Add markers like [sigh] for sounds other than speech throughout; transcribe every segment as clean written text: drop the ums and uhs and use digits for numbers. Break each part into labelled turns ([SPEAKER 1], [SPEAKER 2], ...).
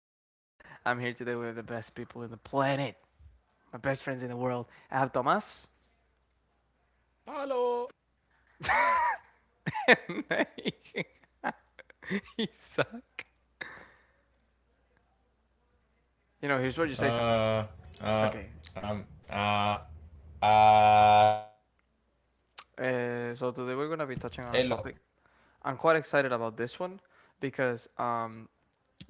[SPEAKER 1] episode. I'm here today with the best people in the planet, my best friends in the world. I have Tomas
[SPEAKER 2] Hello.
[SPEAKER 1] [laughs] and Isaac. You know, here's where you say something.
[SPEAKER 3] Uh, uh,
[SPEAKER 1] Okay,
[SPEAKER 3] um, uh, uh,
[SPEAKER 1] so today we're going to be touching on a
[SPEAKER 3] Elo.
[SPEAKER 1] topic. I'm quite excited about this one because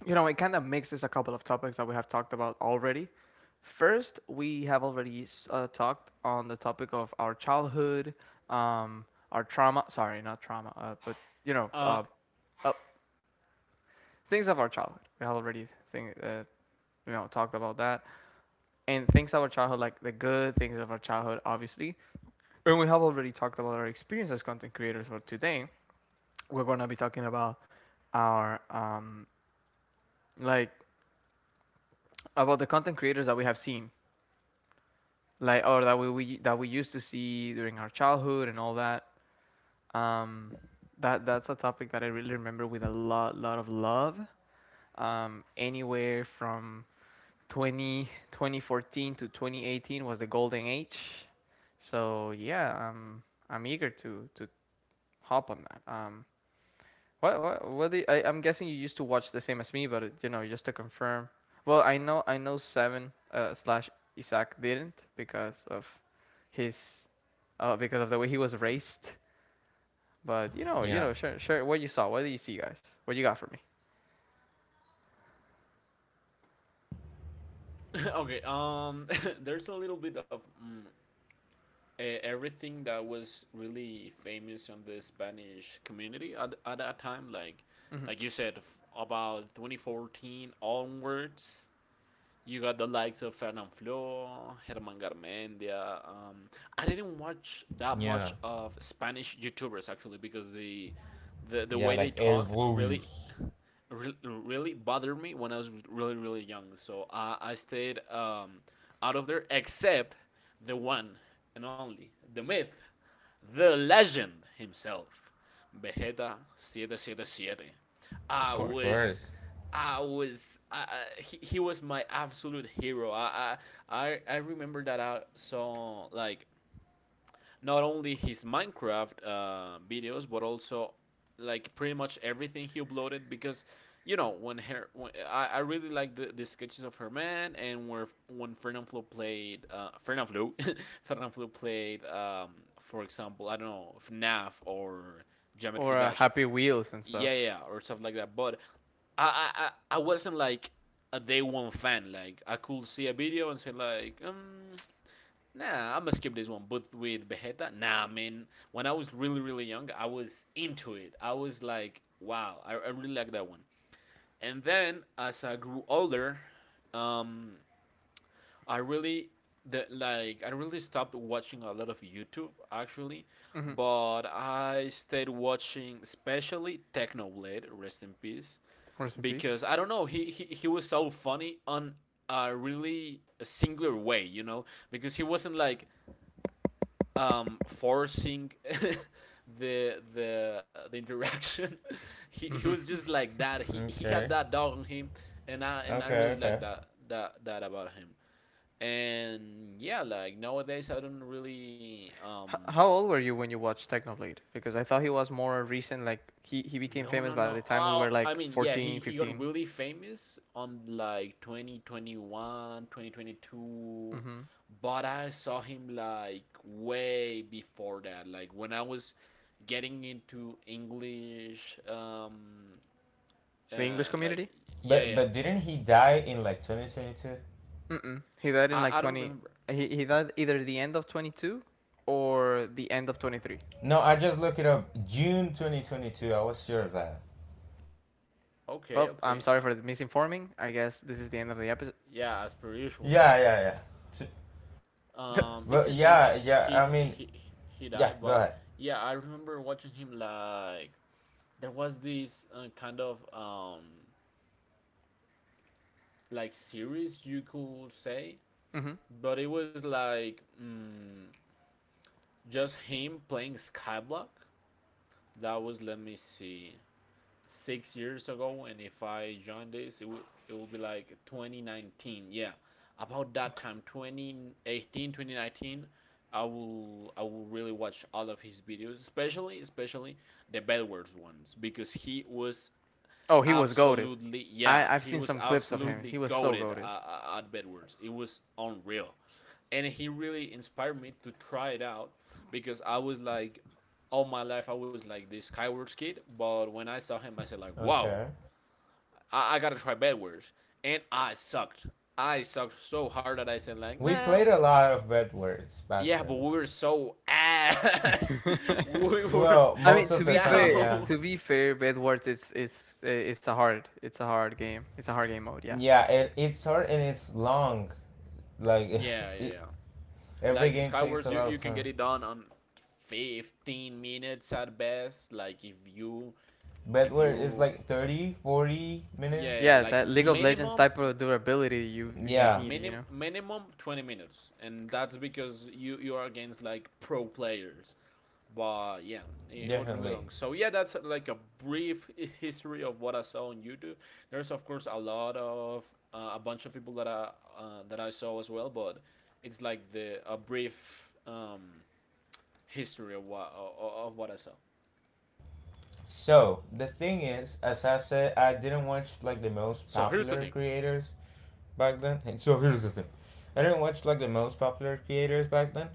[SPEAKER 1] you know, it kind of mixes a couple of topics that we have talked about already. First, we have already talked on the topic of our childhood, um, our trauma. Sorry, not trauma, but you know,
[SPEAKER 2] Uh,
[SPEAKER 1] uh, uh, things of our childhood. We have already think, talked about that, and things of our childhood, like the good things of our childhood, obviously. And we have already talked about our experience as content creators. For today, we're gonna be talking about our like about the content creators that we have seen like or that we used to see during our childhood and all that. Um, that's a topic that I really remember with a lot of love. Anywhere from 2014 to 2018 was the golden age. So yeah, I'm eager to hop on that. I'm guessing you used to watch the same as me, but just to confirm. Well, I know seven slash Isaac didn't because of his because of the way he was raised. But you know you
[SPEAKER 3] Yeah,
[SPEAKER 1] know sure what you saw. What do you see, guys? What you got for me?
[SPEAKER 2] [laughs] okay. [laughs] There's a little bit of everything that was really famous on the Spanish community at that time. Like,
[SPEAKER 1] Hmm.
[SPEAKER 2] like you said, about 2014 onwards, you got the likes of Fernand Flo, Herman Garmendia. I didn't watch that
[SPEAKER 3] yeah,
[SPEAKER 2] much of Spanish YouTubers actually, because the
[SPEAKER 3] yeah,
[SPEAKER 2] way they
[SPEAKER 3] like El
[SPEAKER 2] talk really
[SPEAKER 3] Rubius.
[SPEAKER 2] really bothered me when I was really, really young. So I stayed out of there, except the one and only, the myth, the legend himself, Vegeta 777.
[SPEAKER 1] Of
[SPEAKER 2] I
[SPEAKER 3] Of
[SPEAKER 1] course.
[SPEAKER 2] was,
[SPEAKER 3] course.
[SPEAKER 2] I was, I- he was my absolute hero. I remember that I saw, like, not only his Minecraft videos, but also like pretty much everything he uploaded, because I really like the sketches of her man, and where when Fernanfloo played Fernanfloo [laughs] Fernanfloo played, for example, I don't know, FNAF or Geometry
[SPEAKER 1] Or
[SPEAKER 2] Dash,
[SPEAKER 1] Happy Wheels and
[SPEAKER 2] yeah, yeah,
[SPEAKER 1] stuff.
[SPEAKER 2] yeah, or stuff like that. But I I, I I wasn't like a day one fan. Like, I could see a video and say like, nah, I'm gonna skip this one. But with Vegeta, nah, man. When I was really, really young, I was into it. I was like, wow, I really like that one. And then, as I grew older, um, I really I really stopped watching a lot of YouTube, actually.
[SPEAKER 1] Hmm.
[SPEAKER 2] But I stayed watching, especially, Technoblade, rest in peace,
[SPEAKER 1] Rest in peace.
[SPEAKER 2] because I don't know, he was so funny on a really singular way, because he wasn't like, forcing [laughs] the interaction. [laughs] He was just like that. He had
[SPEAKER 3] Okay,
[SPEAKER 2] that dog on him, and I
[SPEAKER 3] okay,
[SPEAKER 2] really
[SPEAKER 3] okay.
[SPEAKER 2] like that about him. And yeah, like nowadays I don't really um
[SPEAKER 1] How old were you when you watched Technoblade? Because I thought he was more recent. Like he became
[SPEAKER 2] No,
[SPEAKER 1] famous
[SPEAKER 2] no,
[SPEAKER 1] by the
[SPEAKER 2] no.
[SPEAKER 1] time we were
[SPEAKER 2] Oh, I
[SPEAKER 1] like
[SPEAKER 2] mean, yeah,
[SPEAKER 1] 14,
[SPEAKER 2] he got
[SPEAKER 1] 15.
[SPEAKER 2] really famous on like 2021, 2022.
[SPEAKER 1] 15. Hmm.
[SPEAKER 2] But I saw him like way before that. Like when I was getting into English,
[SPEAKER 1] The English
[SPEAKER 2] like,
[SPEAKER 1] community.
[SPEAKER 2] yeah, yeah.
[SPEAKER 3] But
[SPEAKER 2] Yeah.
[SPEAKER 3] but didn't he die in like 2022?
[SPEAKER 1] Mm-mm. He died
[SPEAKER 2] I,
[SPEAKER 1] in
[SPEAKER 2] I
[SPEAKER 1] like
[SPEAKER 2] don't
[SPEAKER 1] 20.
[SPEAKER 2] remember.
[SPEAKER 1] He died either the end of 22 or the end of 23.
[SPEAKER 3] No, I just looked it up. June 2022. I was sure of that.
[SPEAKER 2] Okay,
[SPEAKER 1] Well, I'm
[SPEAKER 2] okay.
[SPEAKER 1] sorry for the misinforming. I guess this is the end of the episode.
[SPEAKER 2] Yeah, as per usual, you
[SPEAKER 3] Yeah,
[SPEAKER 2] know.
[SPEAKER 3] yeah, yeah. T-
[SPEAKER 1] [laughs]
[SPEAKER 2] It's
[SPEAKER 3] But
[SPEAKER 2] a shame,
[SPEAKER 3] yeah,
[SPEAKER 2] sh-
[SPEAKER 3] yeah.
[SPEAKER 2] he,
[SPEAKER 3] I mean,
[SPEAKER 2] he, he
[SPEAKER 3] yeah.
[SPEAKER 2] died,
[SPEAKER 3] Go
[SPEAKER 2] but
[SPEAKER 3] ahead.
[SPEAKER 2] yeah, I remember watching him. Like, there was this kind of, like, series, you could say.
[SPEAKER 1] Hmm.
[SPEAKER 2] But it was like, just him playing Skyblock. That was, let me see, 6 years ago, and if I join this, it will be like 2019. Yeah, about that time, 2018, 2019. I will really watch all of his videos, especially the Bedwars ones, because he was
[SPEAKER 1] Oh, he was goaded.
[SPEAKER 2] absolutely, yeah,
[SPEAKER 1] I've
[SPEAKER 2] he
[SPEAKER 1] seen
[SPEAKER 2] was
[SPEAKER 1] some clips of him.
[SPEAKER 2] absolutely
[SPEAKER 1] He was so
[SPEAKER 2] goaded,
[SPEAKER 1] goaded.
[SPEAKER 2] at bedwars. It was unreal, and he really inspired me to try it out, because I was like, all my life I was like this skywards kid, but when I saw him, I said like, wow,
[SPEAKER 3] Okay.
[SPEAKER 2] I gotta try bedwars. And I sucked. I sucked so hard that I said like,
[SPEAKER 3] We
[SPEAKER 2] no.
[SPEAKER 3] played a lot of bad words back
[SPEAKER 2] Yeah, but
[SPEAKER 3] then.
[SPEAKER 2] we were so ass, [laughs] we were
[SPEAKER 3] Well,
[SPEAKER 1] I mean,
[SPEAKER 3] most of the time, yeah.
[SPEAKER 1] to
[SPEAKER 2] down.
[SPEAKER 1] be fair, Bedwars is it's a hard game. It's a hard game mode. Yeah,
[SPEAKER 3] Yeah, it's hard and it's long.
[SPEAKER 2] [laughs]
[SPEAKER 3] Like
[SPEAKER 2] Yeah,
[SPEAKER 3] [laughs]
[SPEAKER 2] yeah,
[SPEAKER 3] it,
[SPEAKER 2] yeah.
[SPEAKER 3] every
[SPEAKER 2] Like
[SPEAKER 3] game takes
[SPEAKER 2] Skywars,
[SPEAKER 3] a
[SPEAKER 2] you,
[SPEAKER 3] lot
[SPEAKER 2] you
[SPEAKER 3] of
[SPEAKER 2] can
[SPEAKER 3] time.
[SPEAKER 2] get it done on 15 minutes at best. Like if you if
[SPEAKER 3] Bedware is
[SPEAKER 2] you
[SPEAKER 3] like 30, 40
[SPEAKER 2] yeah,
[SPEAKER 3] minutes
[SPEAKER 2] yeah,
[SPEAKER 1] yeah.
[SPEAKER 2] like
[SPEAKER 1] That League of
[SPEAKER 3] each.
[SPEAKER 1] Legends
[SPEAKER 2] minimum.
[SPEAKER 1] type of durability you
[SPEAKER 2] Yeah,
[SPEAKER 3] Yeah,
[SPEAKER 1] need.
[SPEAKER 2] minimum 20 minutes, and that's because you are against like pro players. But yeah, it was really
[SPEAKER 3] definitely.
[SPEAKER 2] long. So yeah, that's like a brief history of what I saw on YouTube. There's, of course, a bunch of people that I saw as well, but it's like, the a brief, history of what I saw.
[SPEAKER 3] So the thing is, as I said, I didn't watch like the most
[SPEAKER 2] So here's the
[SPEAKER 3] popular
[SPEAKER 2] thing:
[SPEAKER 3] creators back then. And so here's the thing, I didn't watch like the most popular creators back then,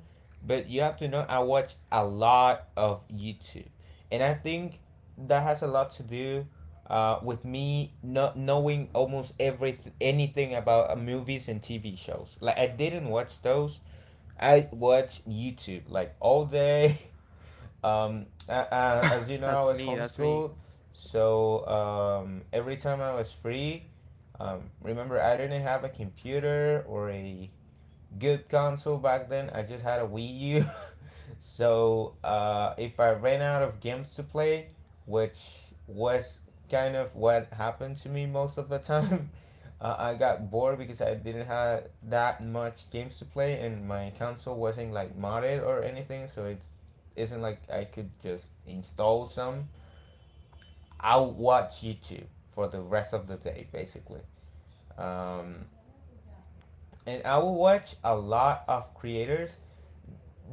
[SPEAKER 3] but you have to know I watched a lot of YouTube, and I think that has a lot to do. With me not knowing almost every anything about movies and TV shows, like I didn't watch those. I watch YouTube like all day. [laughs] As you know, I
[SPEAKER 1] That's
[SPEAKER 3] was
[SPEAKER 1] me. That's me.
[SPEAKER 3] homeschooled, so, every time I was free, remember, I didn't have a computer or a good console back then. I just had a Wii U. [laughs] So if I ran out of games to play, which was kind of what happened to me most of the time. [laughs] I got bored because I didn't have that much games to play and my console wasn't like modded or anything. So it isn't like I could just install some. I would watch YouTube for the rest of the day, basically. Um, and I would watch a lot of creators.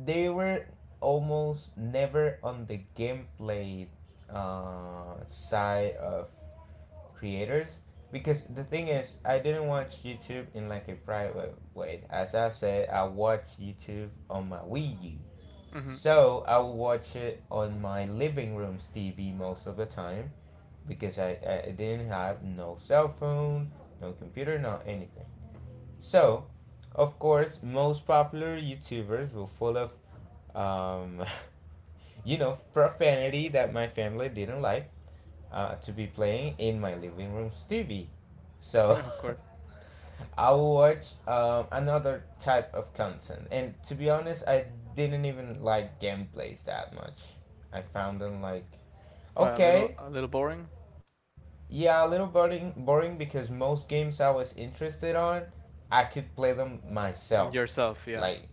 [SPEAKER 3] They were almost never on the gameplay side of creators, because the thing is, I didn't watch YouTube in like a private way. As I said, I watch YouTube on my Wii U,
[SPEAKER 1] Hmm.
[SPEAKER 3] so I would watch it on my living room's TV most of the time, because I didn't have no cell phone, no computer, no anything. So of course most popular YouTubers were full of, um, [laughs] profanity that my family didn't like to be playing in my living room's TV.
[SPEAKER 1] [laughs]
[SPEAKER 3] So
[SPEAKER 1] Of course.
[SPEAKER 3] [laughs] I will watch another type of content. And to be honest, I didn't even like gameplays that much. I found them like,
[SPEAKER 1] Well, a little
[SPEAKER 3] okay,
[SPEAKER 1] a little boring.
[SPEAKER 3] yeah, a little boring, because most games I was interested on, I could play them
[SPEAKER 1] Mm,
[SPEAKER 3] myself.
[SPEAKER 1] yourself, yeah.
[SPEAKER 3] Like,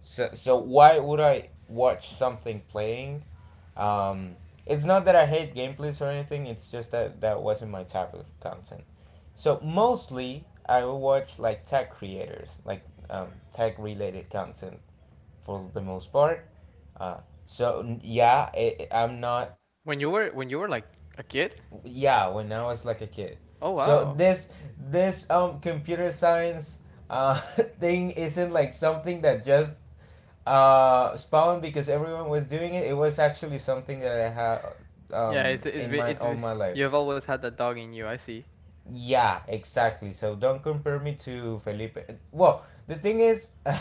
[SPEAKER 3] so why would I watch something playing? Um, it's not that I hate gameplays or anything. It's just that that wasn't my type of content. So mostly I will watch like tech creators, like, tech related content, for the most part. Uh, yeah, I'm not.
[SPEAKER 1] When you were like a kid?
[SPEAKER 3] Yeah, when I was like a kid.
[SPEAKER 1] Oh
[SPEAKER 3] So
[SPEAKER 1] wow.
[SPEAKER 3] this, computer science uh [laughs] thing isn't like something that just spawned because everyone was doing it. It was actually something that I had
[SPEAKER 1] Yeah,
[SPEAKER 3] in mind all my life.
[SPEAKER 1] you've always had that dog in you. I see.
[SPEAKER 3] Yeah, exactly, so don't compare me to Felipe. Well, the thing is, [laughs]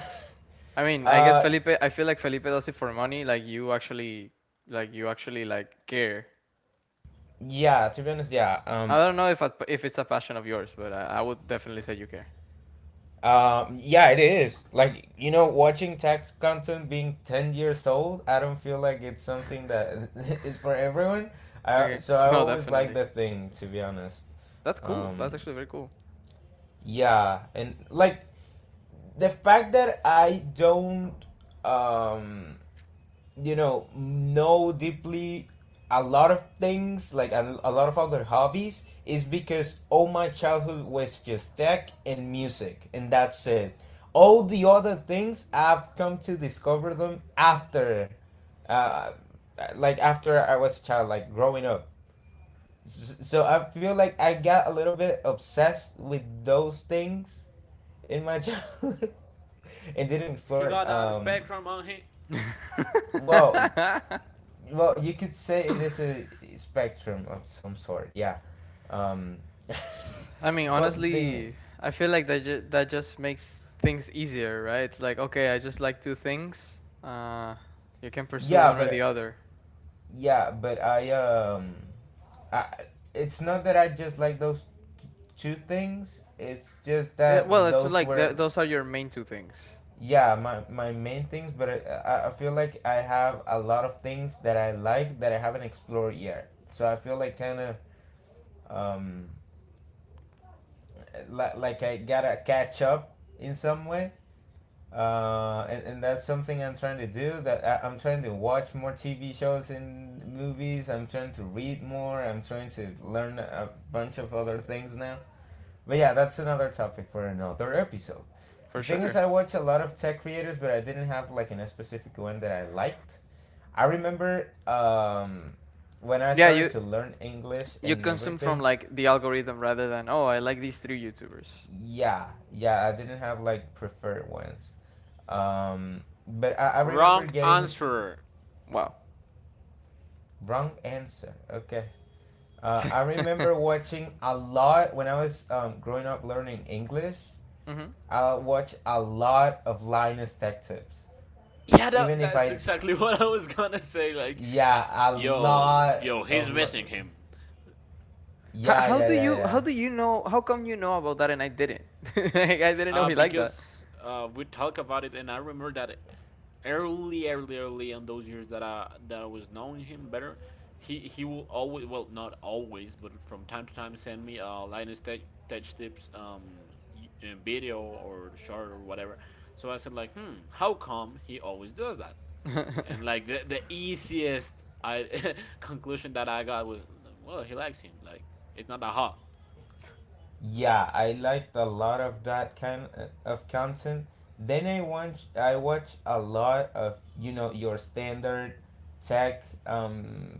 [SPEAKER 1] I mean, I guess
[SPEAKER 3] uh
[SPEAKER 1] Felipe. I feel like Felipe does it for money. Like you actually like care.
[SPEAKER 3] yeah, to be honest, yeah,
[SPEAKER 1] I don't know if it's a passion of yours, but I would definitely say you care.
[SPEAKER 3] Yeah, it is. Like, watching tax content being 10 years old, I don't feel like it's something that [laughs] is for everyone. I,
[SPEAKER 1] Okay.
[SPEAKER 3] so I
[SPEAKER 1] No,
[SPEAKER 3] always like
[SPEAKER 1] definitely.
[SPEAKER 3] that thing, to be honest.
[SPEAKER 1] That's cool. That's
[SPEAKER 3] Um,
[SPEAKER 1] actually very cool.
[SPEAKER 3] yeah, and like, the fact that I don't um know deeply a lot of things, like a lot of other hobbies, is because all my childhood was just tech and music, and that's it. All the other things I've come to discover them after, uh, like after I was a child, like, growing up. So I feel like I got a little bit obsessed with those things in my [laughs] childhood, and didn't
[SPEAKER 2] he
[SPEAKER 3] explore.
[SPEAKER 2] got that spectrum on him.
[SPEAKER 3] Well well, you could say it is a spectrum of some sort, yeah. um [laughs]
[SPEAKER 1] I mean,
[SPEAKER 3] well, the thing
[SPEAKER 1] honestly,
[SPEAKER 3] is,
[SPEAKER 1] I feel like that just makes things easier, right? It's like, okay, I just like two things. You can pursue
[SPEAKER 3] yeah
[SPEAKER 1] one or the
[SPEAKER 3] but
[SPEAKER 1] other.
[SPEAKER 3] yeah, but I, I, it's not that I just like those t- two things. It's just
[SPEAKER 1] Well,
[SPEAKER 3] that
[SPEAKER 1] it's
[SPEAKER 3] those
[SPEAKER 1] like
[SPEAKER 3] were,
[SPEAKER 1] those are your main two things
[SPEAKER 3] yeah, my main things, but I feel like I have a lot of things that I like that I haven't explored yet, so I feel like, kind of, um like I gotta catch up in some way. And that's something I'm trying to do. That I'm trying to watch more TV shows and movies. I'm trying to read more. I'm trying to learn a bunch of other things now. But yeah, that's another topic for another episode.
[SPEAKER 1] for
[SPEAKER 3] The thing is,
[SPEAKER 1] sure.
[SPEAKER 3] I watch a lot of tech creators, but I didn't have like in a specific one that I liked. I remember, when I
[SPEAKER 1] Yeah,
[SPEAKER 3] started
[SPEAKER 1] you
[SPEAKER 3] to learn English
[SPEAKER 1] you
[SPEAKER 3] and
[SPEAKER 1] consume from
[SPEAKER 3] everything.
[SPEAKER 1] like the algorithm rather than oh I like these three YouTubers.
[SPEAKER 3] Yeah, yeah, I didn't have like preferred ones. Um, but I remember
[SPEAKER 2] Wrong
[SPEAKER 3] getting.
[SPEAKER 2] answer.
[SPEAKER 1] Wow.
[SPEAKER 3] Wrong answer. Okay. I remember watching a lot when I was, growing up learning English.
[SPEAKER 1] Hmm.
[SPEAKER 3] I watched a lot of Linus Tech Tips.
[SPEAKER 2] Yeah, that,
[SPEAKER 3] Even if
[SPEAKER 2] that's
[SPEAKER 3] I,
[SPEAKER 2] exactly [laughs] what I was gonna say. Like,
[SPEAKER 3] yeah, a
[SPEAKER 2] yo,
[SPEAKER 3] lot
[SPEAKER 2] yo, he's
[SPEAKER 3] of,
[SPEAKER 2] missing him.
[SPEAKER 3] yeah, yeah, yeah,
[SPEAKER 1] How
[SPEAKER 3] yeah.
[SPEAKER 1] do you know how come you know about that and I didn't? [laughs] Like, I didn't know he liked that.
[SPEAKER 2] Because we talk about it, and I remember that early, early, early in those years that I was knowing him better, he will always, well, not always, but from time to time, send me Linus Tech Tips video or short or whatever. So I said like, hmm, how come he always does that? And like the easiest I [laughs] conclusion that I got was, well, he likes him. Like, it's not a hot.
[SPEAKER 3] Yeah, I liked a lot of that kind of content. Then I watched a lot of, your standard tech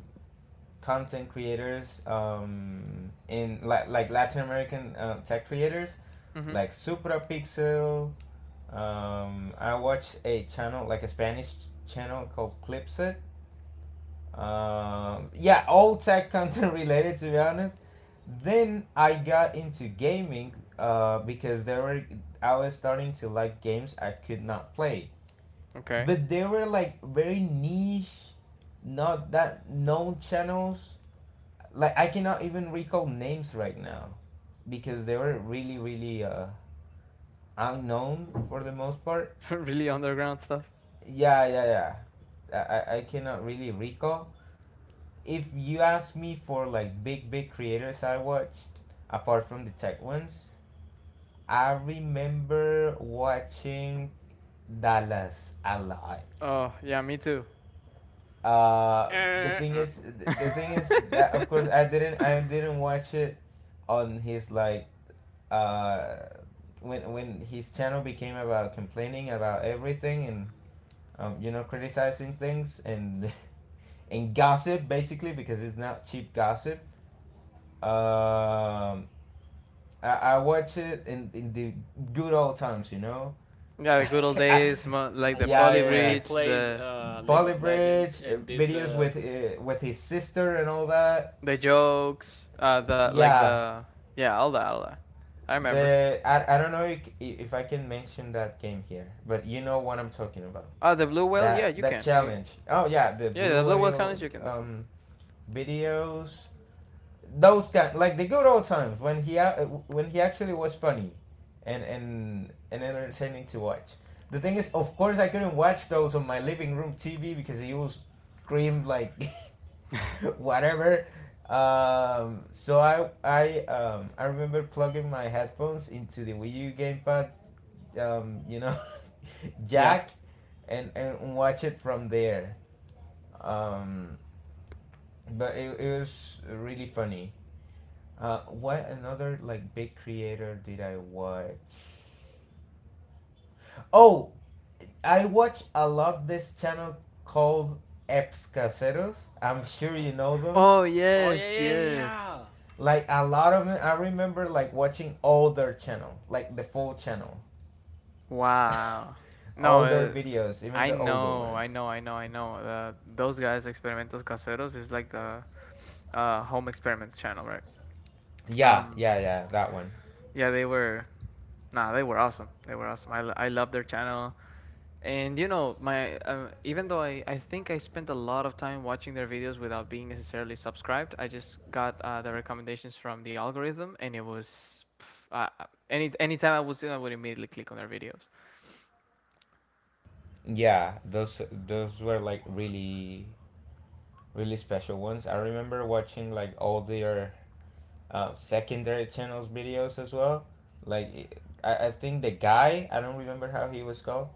[SPEAKER 3] content creators, in like Latin American tech creators
[SPEAKER 1] Hmm.
[SPEAKER 3] like Suprapixel. I watched a channel like a Spanish channel called Clipset. Yeah, all tech [laughs] content related, to be honest. Then I got into gaming because there were I was starting to like games I could not play,
[SPEAKER 1] Okay.
[SPEAKER 3] but they were like very niche, not that known channels, like I cannot even recall names right now because they were really, really unknown for the most part.
[SPEAKER 1] [laughs] Really underground stuff.
[SPEAKER 3] Yeah, yeah, yeah. I cannot really recall. If you ask me for like big, big creators I watched apart from the tech ones, I remember watching Dallas a lot.
[SPEAKER 1] Oh yeah, me too.
[SPEAKER 3] Uh, the thing is, the thing is, that of course I didn't watch it on his like, uh, when his channel became about complaining about everything and, criticizing things and [laughs] and gossip, basically, because it's not cheap gossip. Um, I watch it in the good old times, you know. [laughs]
[SPEAKER 1] Yeah, the good old
[SPEAKER 3] I,
[SPEAKER 1] days, like the
[SPEAKER 2] when
[SPEAKER 3] yeah, yeah,
[SPEAKER 2] he
[SPEAKER 1] poly
[SPEAKER 2] when he
[SPEAKER 3] yeah.
[SPEAKER 1] bridge,
[SPEAKER 2] played
[SPEAKER 1] the
[SPEAKER 2] League
[SPEAKER 3] Volley
[SPEAKER 2] of Legends
[SPEAKER 3] Bridge
[SPEAKER 2] and did
[SPEAKER 3] videos
[SPEAKER 2] the
[SPEAKER 3] with his sister and all that.
[SPEAKER 1] the jokes, the like
[SPEAKER 3] Yeah,
[SPEAKER 1] the yeah, all that, all that. I remember.
[SPEAKER 3] the I don't know if I can mention that game here, but you know what I'm talking about.
[SPEAKER 1] Ah, the blue whale. Yeah,
[SPEAKER 3] that
[SPEAKER 1] you
[SPEAKER 3] that
[SPEAKER 1] can. You
[SPEAKER 3] challenge. Oh yeah, the
[SPEAKER 1] Yeah,
[SPEAKER 3] blue
[SPEAKER 1] the Blood Bowl
[SPEAKER 3] whale
[SPEAKER 1] challenge you can definitely.
[SPEAKER 3] videos. Those kind, like the good old times when when he actually was funny, and entertaining to watch. The thing is, of course, I couldn't watch those on my living room TV because he was screamed like, [laughs] [laughs] whatever. So I remember plugging my headphones into the Wii U gamepad, um, you know, [laughs]
[SPEAKER 1] Yeah.
[SPEAKER 3] jack, and watch it from there. Um, but it was really funny. What another, like, big creator did I watch? Oh, I watch a lot this channel called Eps Caseros. I'm sure you know them.
[SPEAKER 1] Oh
[SPEAKER 2] oh yeah,
[SPEAKER 1] yes,
[SPEAKER 2] yeah, yeah.
[SPEAKER 1] yes.
[SPEAKER 2] Yeah.
[SPEAKER 3] Like a lot of it, I remember like watching older channel, like the full channel,
[SPEAKER 1] Wow.
[SPEAKER 3] [laughs]
[SPEAKER 1] No,
[SPEAKER 3] older videos, even
[SPEAKER 1] I
[SPEAKER 3] the older
[SPEAKER 1] know, I
[SPEAKER 3] ones.
[SPEAKER 1] know, I know, I know. Those guys, Experimentos Caseros, is like the home experiments channel, right?
[SPEAKER 3] Yeah,
[SPEAKER 1] Um,
[SPEAKER 3] yeah, yeah, that one.
[SPEAKER 1] yeah, they were. Nah, they were awesome. They were awesome. I love their channel. And you know, my even though I think I spent a lot of time watching their videos without being necessarily subscribed, I just got the recommendations from the algorithm, and it was pff, any anytime I was in, I would immediately click on their videos.
[SPEAKER 3] Yeah, those were like really, really special ones. I remember watching like all their secondary channels videos as well. Like I think the guy, I don't remember how he was called.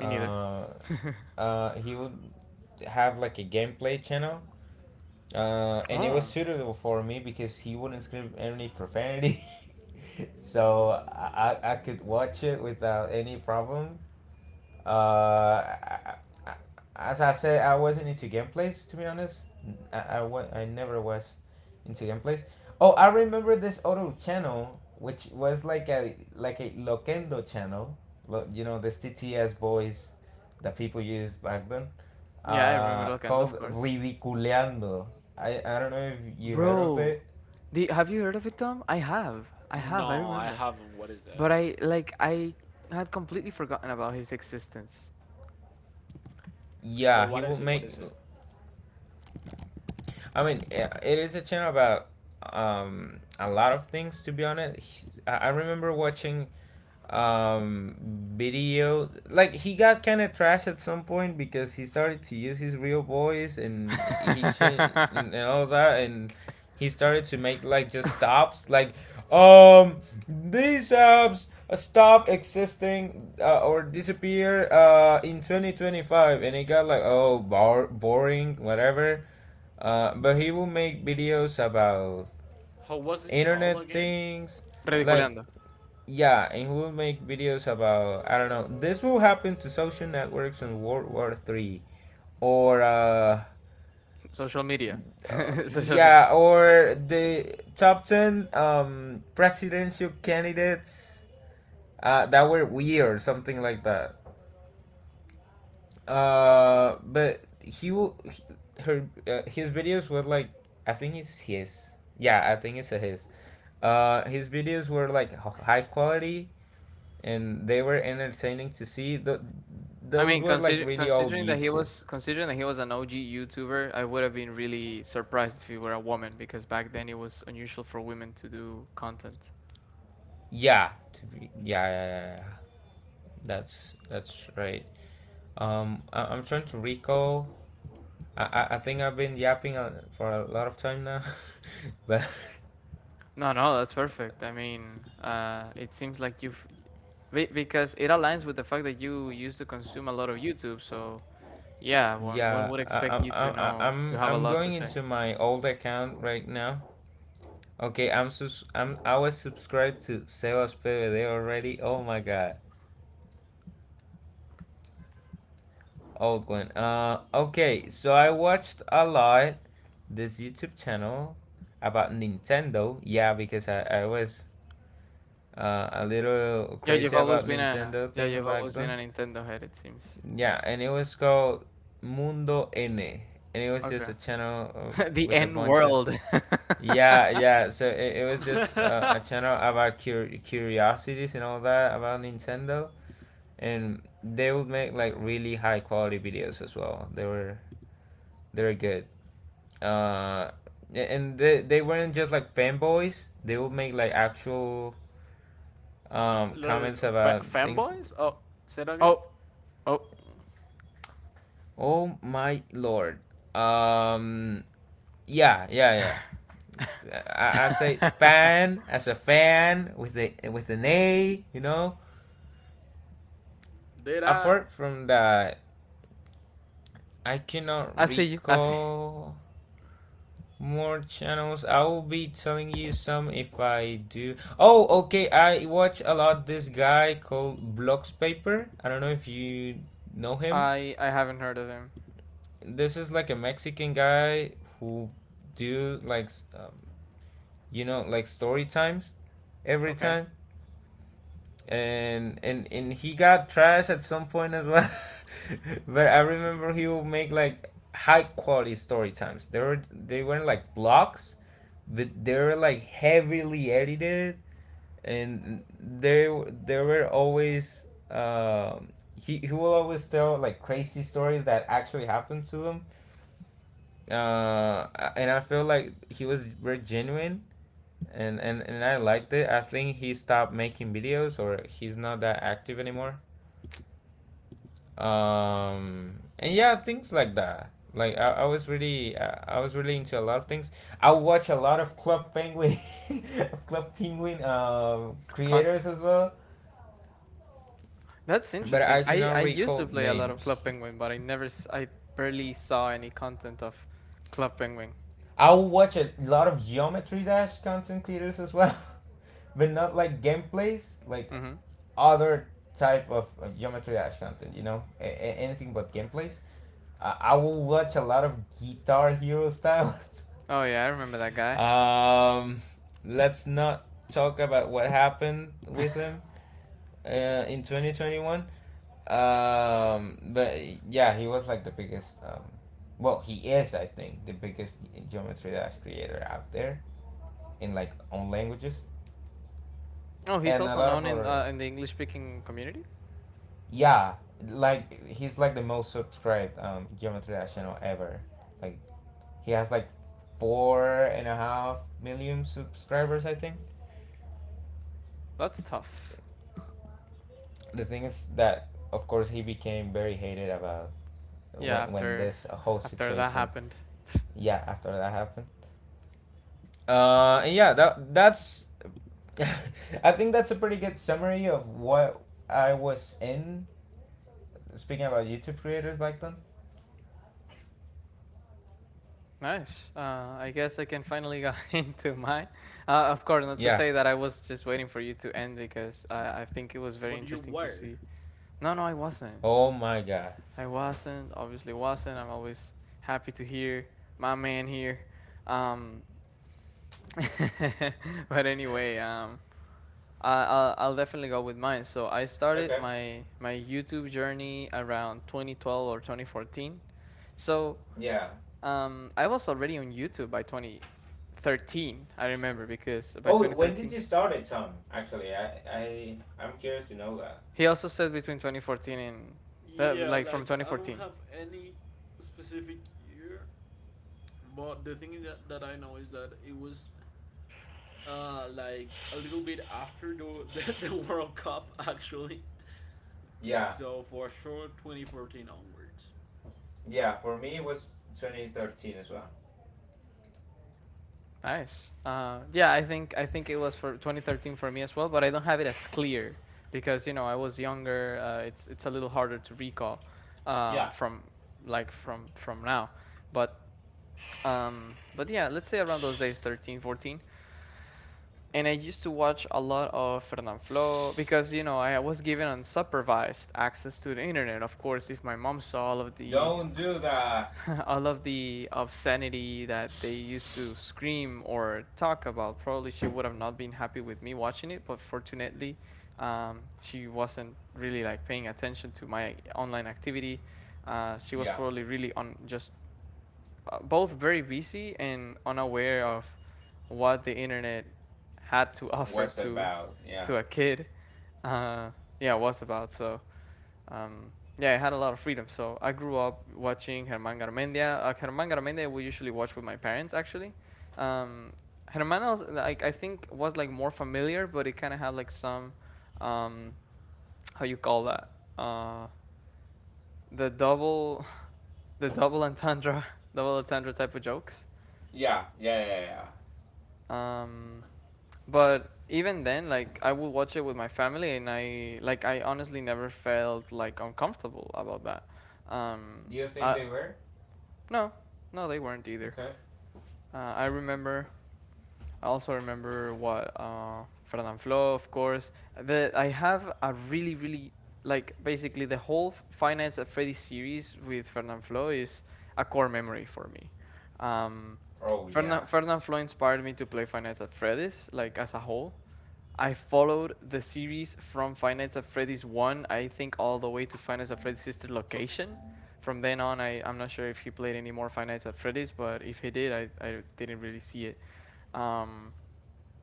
[SPEAKER 1] Me neither.
[SPEAKER 3] he would have like a gameplay channel. And it was
[SPEAKER 1] Oh,
[SPEAKER 3] suitable for me because he wouldn't scream any profanity, [laughs] so I could watch it without any problem. Uh, I, I, as I said, I wasn't into gameplays, to be honest. I never was into gameplays. Oh, I remember this other channel which was like a Loquendo channel. This TTS boys that people used back then,
[SPEAKER 1] yeah, I remember Locanda, of
[SPEAKER 3] called
[SPEAKER 1] course.
[SPEAKER 3] Ridiculeando. I don't know if you heard of
[SPEAKER 1] Bro,
[SPEAKER 3] it.
[SPEAKER 1] the have you heard of it, Tom? I
[SPEAKER 2] No, I
[SPEAKER 1] remember.
[SPEAKER 2] haven't. What is
[SPEAKER 1] But
[SPEAKER 2] that?
[SPEAKER 1] I had completely forgotten about his existence.
[SPEAKER 2] But
[SPEAKER 3] Yeah, he
[SPEAKER 2] what
[SPEAKER 3] would
[SPEAKER 2] is it? What
[SPEAKER 3] make.
[SPEAKER 2] is it?
[SPEAKER 3] I mean, it is a channel about a lot of things. To be honest, I remember watching um video, like he got kind of trash at some point because he started to use his real voice, and he changed,
[SPEAKER 1] [laughs]
[SPEAKER 3] and all that, and he started to make like just stops, like um these apps stop existing, or disappear in 2025, and it got like, oh, boring, whatever. But he will make videos about
[SPEAKER 2] How was it called
[SPEAKER 3] internet
[SPEAKER 2] again?
[SPEAKER 3] things, like,
[SPEAKER 1] Ridiculeando.
[SPEAKER 3] yeah, and he will make videos about, I don't know. This will happen to social networks in World War Three, or
[SPEAKER 1] Social media. [laughs] Social media.
[SPEAKER 3] yeah, or the top ten presidential candidates that were weird, something like that. But he will he, her his videos were like. I think it's his. Yeah, I think it's a his. His videos were like high quality and they were entertaining to see.
[SPEAKER 1] I
[SPEAKER 3] Those
[SPEAKER 1] mean,
[SPEAKER 3] were like really old YouTube.
[SPEAKER 1] considering that he was an OG YouTuber, I would have been really surprised if he were a woman because back then it was unusual for women to do content.
[SPEAKER 3] Yeah, to be, yeah, yeah, yeah, yeah. yeah. That's right. I'm trying to recall. I think I've been yapping for a lot of time now, [laughs] but
[SPEAKER 1] No, no, that's perfect. I mean, it seems like because it aligns with the fact that you used to consume a lot of YouTube. So yeah, one would expect you to know to
[SPEAKER 3] I'm
[SPEAKER 1] have a lot to
[SPEAKER 3] going
[SPEAKER 1] say.
[SPEAKER 3] into my old account right now. Okay, I'm I was subscribed to Sebas PVD already. Oh my god, old one. Okay, so I watched a lot this YouTube channel about Nintendo. Yeah, because I was a little
[SPEAKER 1] Yeah,
[SPEAKER 3] crazy about Nintendo things
[SPEAKER 1] you've
[SPEAKER 3] back
[SPEAKER 1] always been
[SPEAKER 3] then.
[SPEAKER 1] a Nintendo head. It seems.
[SPEAKER 3] Yeah, and it was called Mundo N. And it was just
[SPEAKER 1] Okay.
[SPEAKER 3] a channel
[SPEAKER 1] [laughs] The
[SPEAKER 3] with a
[SPEAKER 1] N
[SPEAKER 3] bunch of.
[SPEAKER 1] world. [laughs]
[SPEAKER 3] Yeah, yeah. So it was just
[SPEAKER 2] [laughs]
[SPEAKER 3] a channel about curiosities and all that about Nintendo. And they would make like really high quality videos as well. They were good. uh and they weren't just like fanboys. They would make like actual
[SPEAKER 2] Little
[SPEAKER 3] comments about things.
[SPEAKER 2] fanboys? Oh, say it again.
[SPEAKER 1] Oh, oh,
[SPEAKER 3] Oh my lord. um yeah yeah I say fan as a fan with the with an A, you know.
[SPEAKER 2] Did I?
[SPEAKER 3] Apart from that, I cannot
[SPEAKER 1] I see you. I see.
[SPEAKER 3] recall more channels. I will be telling you some if I do. Oh, okay. I watch a lot this guy called Blocks Paper. I don't know if you know him.
[SPEAKER 1] I haven't heard of him.
[SPEAKER 3] This is like a Mexican guy who do like um, you know, like story times every
[SPEAKER 1] Okay.
[SPEAKER 3] time. And he got trash at some point as well. [laughs] But I remember he would make like high quality story times. They were they weren't like blocks, but they were like heavily edited, and they were always, um he will always tell like crazy stories that actually happened to them. uh and I feel like he was very genuine, and I liked it. I think he stopped making videos or he's not that active anymore. And yeah, things like that. I was really I was really into a lot of things. I watch a lot of club penguin [laughs] of club penguin
[SPEAKER 1] content.
[SPEAKER 3] creators as well,
[SPEAKER 1] That's
[SPEAKER 3] but
[SPEAKER 1] interesting.
[SPEAKER 3] I
[SPEAKER 1] I
[SPEAKER 3] cannot
[SPEAKER 1] I used to
[SPEAKER 3] recall
[SPEAKER 1] play a lot of
[SPEAKER 3] names.
[SPEAKER 1] Club Penguin, but I never s- I barely saw any content of Club Penguin.
[SPEAKER 3] I'll watch a lot of geometry dash content creators as well [laughs] but not like gameplays, like
[SPEAKER 1] Mhm.
[SPEAKER 3] other type of geometry dash content, you know, anything but gameplays. I will watch a lot of guitar hero styles. [laughs]
[SPEAKER 1] Oh yeah, I remember that guy.
[SPEAKER 3] Um, let's not talk about what happened with him in 2021. But yeah, he was like the biggest. Well, he is, I think, the biggest Geometry Dash creator out there in like own languages
[SPEAKER 1] Oh, he's
[SPEAKER 3] and a
[SPEAKER 1] also
[SPEAKER 3] lot of
[SPEAKER 1] known in
[SPEAKER 3] other.
[SPEAKER 1] the English speaking community.
[SPEAKER 3] Yeah, like he's like the most subscribed Geometry Dash channel ever. Like he has like four and a half million subscribers, I think.
[SPEAKER 1] That's tough.
[SPEAKER 3] The thing is that of course he became very hated about
[SPEAKER 1] Yeah,
[SPEAKER 3] when
[SPEAKER 1] after
[SPEAKER 3] this whole
[SPEAKER 1] after that
[SPEAKER 3] situation,
[SPEAKER 1] happened.
[SPEAKER 3] yeah, after that happened. And yeah, that's [laughs] I think that's a pretty good summary of what I was in, speaking about YouTube creators back then.
[SPEAKER 1] Nice. I guess I can finally got [laughs] into mine. Of course, not to
[SPEAKER 3] Yeah.
[SPEAKER 1] say that I was just waiting for you to end because I think it was very
[SPEAKER 2] But you
[SPEAKER 1] interesting to
[SPEAKER 2] were.
[SPEAKER 1] see. No, no, I wasn't.
[SPEAKER 3] Oh my god.
[SPEAKER 1] I wasn't, obviously wasn't. I'm always happy to hear my man here. Um, [laughs] but anyway, I'll definitely go with mine. So I started
[SPEAKER 3] Okay.
[SPEAKER 1] my YouTube journey around 2012 or 2014. So
[SPEAKER 3] Yeah.
[SPEAKER 1] I was already on YouTube by 2013. I remember because by
[SPEAKER 3] Oh, when did
[SPEAKER 1] 2013
[SPEAKER 3] you start it, Tom? Actually, I'm curious to know that.
[SPEAKER 1] he also said between 2014 and
[SPEAKER 2] Yeah,
[SPEAKER 1] like from
[SPEAKER 2] like I don't
[SPEAKER 1] 2014.
[SPEAKER 2] have any specific year, but the thing that I know is that it was like a little bit after the [laughs] the World Cup actually.
[SPEAKER 3] Yeah.
[SPEAKER 2] So for sure, 2014 onwards.
[SPEAKER 3] Yeah, for me it was 2013 as well.
[SPEAKER 1] Nice. Yeah, I think it was for 2013 for me as well, but I don't have it as clear because you know I was younger. It's a little harder to recall
[SPEAKER 3] Yeah.
[SPEAKER 1] from like from now. But but yeah, let's say around those days, '13, '14, and I used to watch a lot of Fernanfloo because you know I was given unsupervised access to the internet. Of course, if my mom saw all of the
[SPEAKER 3] Don't do that.
[SPEAKER 1] [laughs] I love the obscenity that they used to scream or talk about. Probably she would have not been happy with me watching it, but fortunately, she wasn't really like paying attention to my online activity. She was
[SPEAKER 3] Yeah.
[SPEAKER 1] probably really on just both very busy and unaware of what the internet had to [laughs] offer
[SPEAKER 3] What's
[SPEAKER 1] to
[SPEAKER 3] about? Yeah.
[SPEAKER 1] to a kid. Uh, yeah, was about so yeah, I had a lot of freedom. So I grew up watching Germán Garmendia. Germán Garmendia we usually watch with my parents actually. Um, Germán like I think was like more familiar, but it kind of had like some um, how you call that uh, the double [laughs] the double entendre [laughs] double entendre type of jokes.
[SPEAKER 3] Yeah. Yeah. Yeah. Yeah.
[SPEAKER 1] Um, but even then, like I would watch it with my family, and I honestly never felt like uncomfortable about that. Um,
[SPEAKER 3] Do you think
[SPEAKER 1] I,
[SPEAKER 3] they were?
[SPEAKER 1] No, no, they weren't either.
[SPEAKER 3] Okay.
[SPEAKER 1] I remember. I also remember what Fernand of course. That I have a really, really like basically the whole Finance at Freddy series with Fernand is a core memory for me. Um,
[SPEAKER 3] Oh yeah.
[SPEAKER 1] Fernand inspired me to play Finance at Freddy's like as a whole. I followed the series from Five Nights at Freddy's 1, I think, all the way to Five Nights at Freddy's Sister Location. From then on, I'm not sure if he played any more Five Nights at Freddy's, but if he did, I didn't really see it. Um,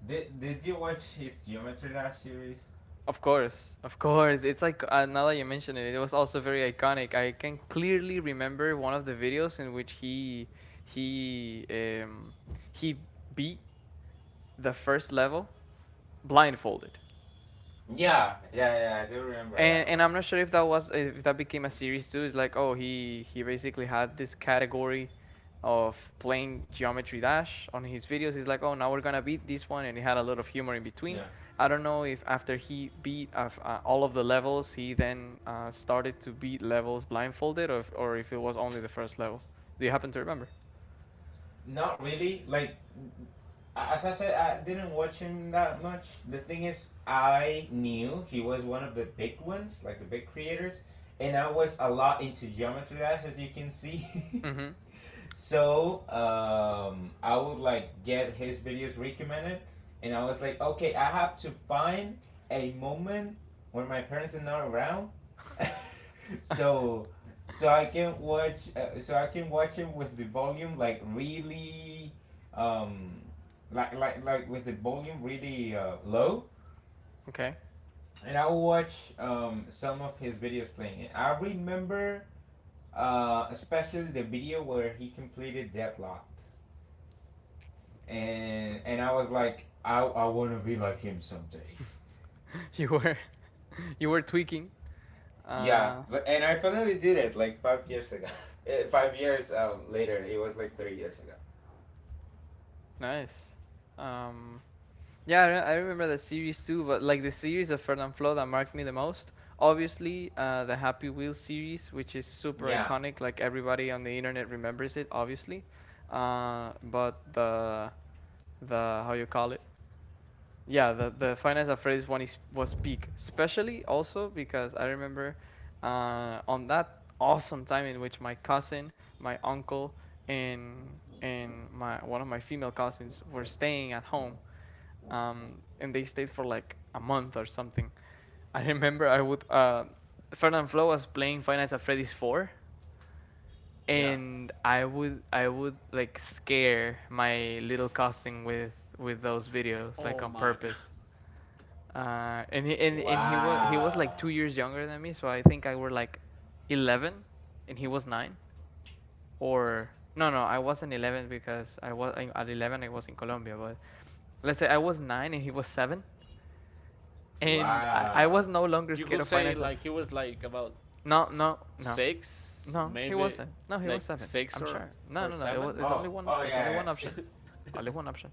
[SPEAKER 3] Did you watch his Geometry Dash series?
[SPEAKER 1] of course, of course. It's like, now that you mention it, it was also very iconic. I can clearly remember one of the videos in which he um, he beat the first level blindfolded.
[SPEAKER 3] Yeah. Yeah. Yeah. I do remember
[SPEAKER 1] And
[SPEAKER 3] that
[SPEAKER 1] and
[SPEAKER 3] one.
[SPEAKER 1] I'm not sure if that became a series too. It's like oh he basically had this category of playing Geometry Dash on his videos. He's like oh now we're gonna beat this one, and he had a lot of humor in between.
[SPEAKER 3] Yeah.
[SPEAKER 1] I don't know if after he beat all of the levels, he then started to beat levels blindfolded, or if it was only the first level. Do you happen to remember?
[SPEAKER 3] Not really. Like, as I said, I didn't watch him that much. The thing is, I knew he was one of the big ones, like the big creators, and I was a lot into Geometry Dash, as you can see. [laughs]
[SPEAKER 1] Mm-hmm.
[SPEAKER 3] So I would like get his videos recommended, and I was like, okay, I have to find a moment when my parents are not around, [laughs] so I can watch I can watch him with the volume like really, um like with the volume really low,
[SPEAKER 1] Okay. [laughs]
[SPEAKER 3] and I will watch some of his videos playing. And I remember especially the video where he completed Deadlocked. And I was like, I wanna be like him someday.
[SPEAKER 1] You were you were tweaking.
[SPEAKER 3] Yeah,
[SPEAKER 1] Uh,
[SPEAKER 3] but and I finally did it like 5 years ago. [laughs] 5 years later, it was like 3 years ago.
[SPEAKER 1] Nice. Um, Yeah, I remember the series too, but like the series of Fernand Flo that marked me the most. Obviously, the Happy Wheels series, which is super
[SPEAKER 3] Yeah.
[SPEAKER 1] iconic, like everybody on the internet remembers it, obviously. But the, how you call it? Yeah, the Finance of Freddy's one is was peak, especially also because I remember on that awesome time in which my cousin, my uncle, and my one of my female cousins were staying at home, and they stayed for like a month or something. I remember I would Fernand Flo was playing Five Nights at Freddy's four,
[SPEAKER 3] Yeah.
[SPEAKER 1] and I would like scare my little cousin with those videos like
[SPEAKER 2] Oh
[SPEAKER 1] on
[SPEAKER 2] my [laughs] god.
[SPEAKER 1] purpose. And he was like
[SPEAKER 3] Wow.
[SPEAKER 1] 2 years younger than me, so I think I were like 11, and he was nine. Or no, no, I wasn't 11 because at 11 I was in Colombia, but let's say I was nine and he was seven and I
[SPEAKER 3] Wow.
[SPEAKER 1] was no longer
[SPEAKER 2] You
[SPEAKER 1] scared
[SPEAKER 2] could
[SPEAKER 1] of
[SPEAKER 2] say
[SPEAKER 1] finance ever.
[SPEAKER 2] like he was like about
[SPEAKER 1] No, no, no,
[SPEAKER 2] six,
[SPEAKER 1] no. He
[SPEAKER 2] maybe,
[SPEAKER 1] wasn't. No, he was
[SPEAKER 2] like,
[SPEAKER 1] seven.
[SPEAKER 2] six
[SPEAKER 1] I'm
[SPEAKER 2] or
[SPEAKER 1] sure.
[SPEAKER 2] or
[SPEAKER 1] No, no, no. It was.
[SPEAKER 2] seven,
[SPEAKER 1] It's only
[SPEAKER 3] Oh.
[SPEAKER 1] one.
[SPEAKER 3] Oh
[SPEAKER 1] It's only
[SPEAKER 3] yeah.
[SPEAKER 1] one
[SPEAKER 3] Yeah.
[SPEAKER 1] option. Only one option.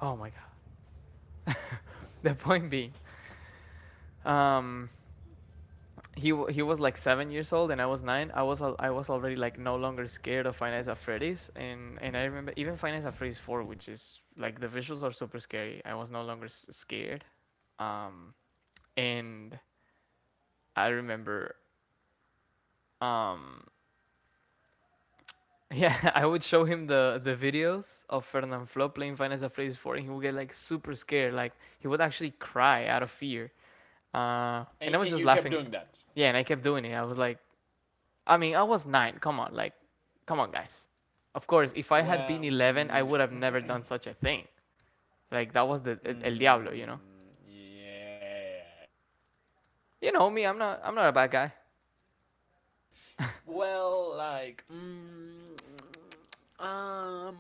[SPEAKER 1] Oh my god. [laughs] The point being, um, he was like 7 years old and I was nine. I was already like no longer scared of Finance at Freddy's, and I remember even Finance at Freddy's four, which is like the visuals are super scary. I was no longer scared, um, and I remember. um Yeah, [laughs] I would show him the videos of Fernand Flo playing Final Fantasy Four, and he would get like super scared. Like he would actually cry out of fear.
[SPEAKER 2] and
[SPEAKER 1] And I was
[SPEAKER 2] and you
[SPEAKER 1] just
[SPEAKER 2] kept
[SPEAKER 1] laughing.
[SPEAKER 2] doing that.
[SPEAKER 1] Yeah, and I kept doing it. I was like, I mean, I was nine. Come on, like, come on, guys. Of course, if I had
[SPEAKER 2] Well,
[SPEAKER 1] been 11, I would have never
[SPEAKER 2] [clears throat]
[SPEAKER 1] done such a thing. Like that was el diablo.
[SPEAKER 2] mm, yeah.
[SPEAKER 1] You know me. I'm not. I'm not a bad guy.
[SPEAKER 2] Well, like, mm, um,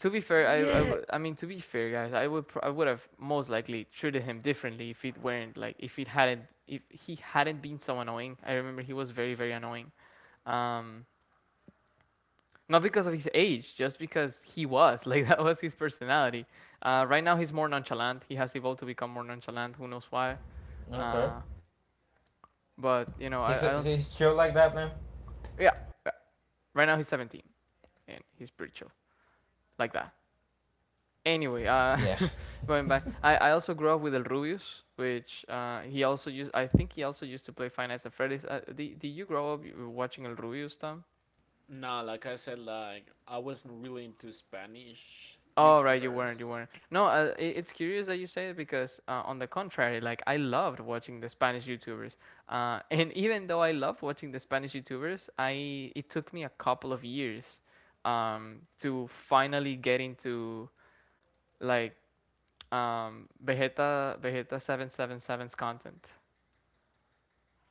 [SPEAKER 1] To be fair,
[SPEAKER 2] yeah.
[SPEAKER 1] I mean to be fair, guys, I would have most likely treated him differently if it weren't like if he hadn't been so annoying. I remember he was very very annoying, um, not because of his age, just because he was [laughs] like that was his personality. Right now he's more nonchalant. He has evolved to become more nonchalant. Who knows why?
[SPEAKER 3] Okay.
[SPEAKER 1] Uh, but you know,
[SPEAKER 3] He's
[SPEAKER 1] I don't.
[SPEAKER 3] chill like that now.
[SPEAKER 1] Yeah. Yeah. Right now he's 17 and he's pretty chill like that. Anyway,
[SPEAKER 3] Yeah.
[SPEAKER 1] [laughs] going back, I also grew up with El Rubius, which he also used. I think he also used to play Five Nights at Freddy's. Did you grow up watching El Rubius, Tom?
[SPEAKER 2] No, like I said, like I wasn't really into Spanish
[SPEAKER 1] Oh right, you weren't. You
[SPEAKER 2] YouTubers.
[SPEAKER 1] weren't. No, I it's curious that you say it because on the contrary, like I loved watching the Spanish YouTubers, [laughs] and even though I loved watching the Spanish YouTubers, I it took me a couple of years, to finally get into, like, Vegeta 777's content.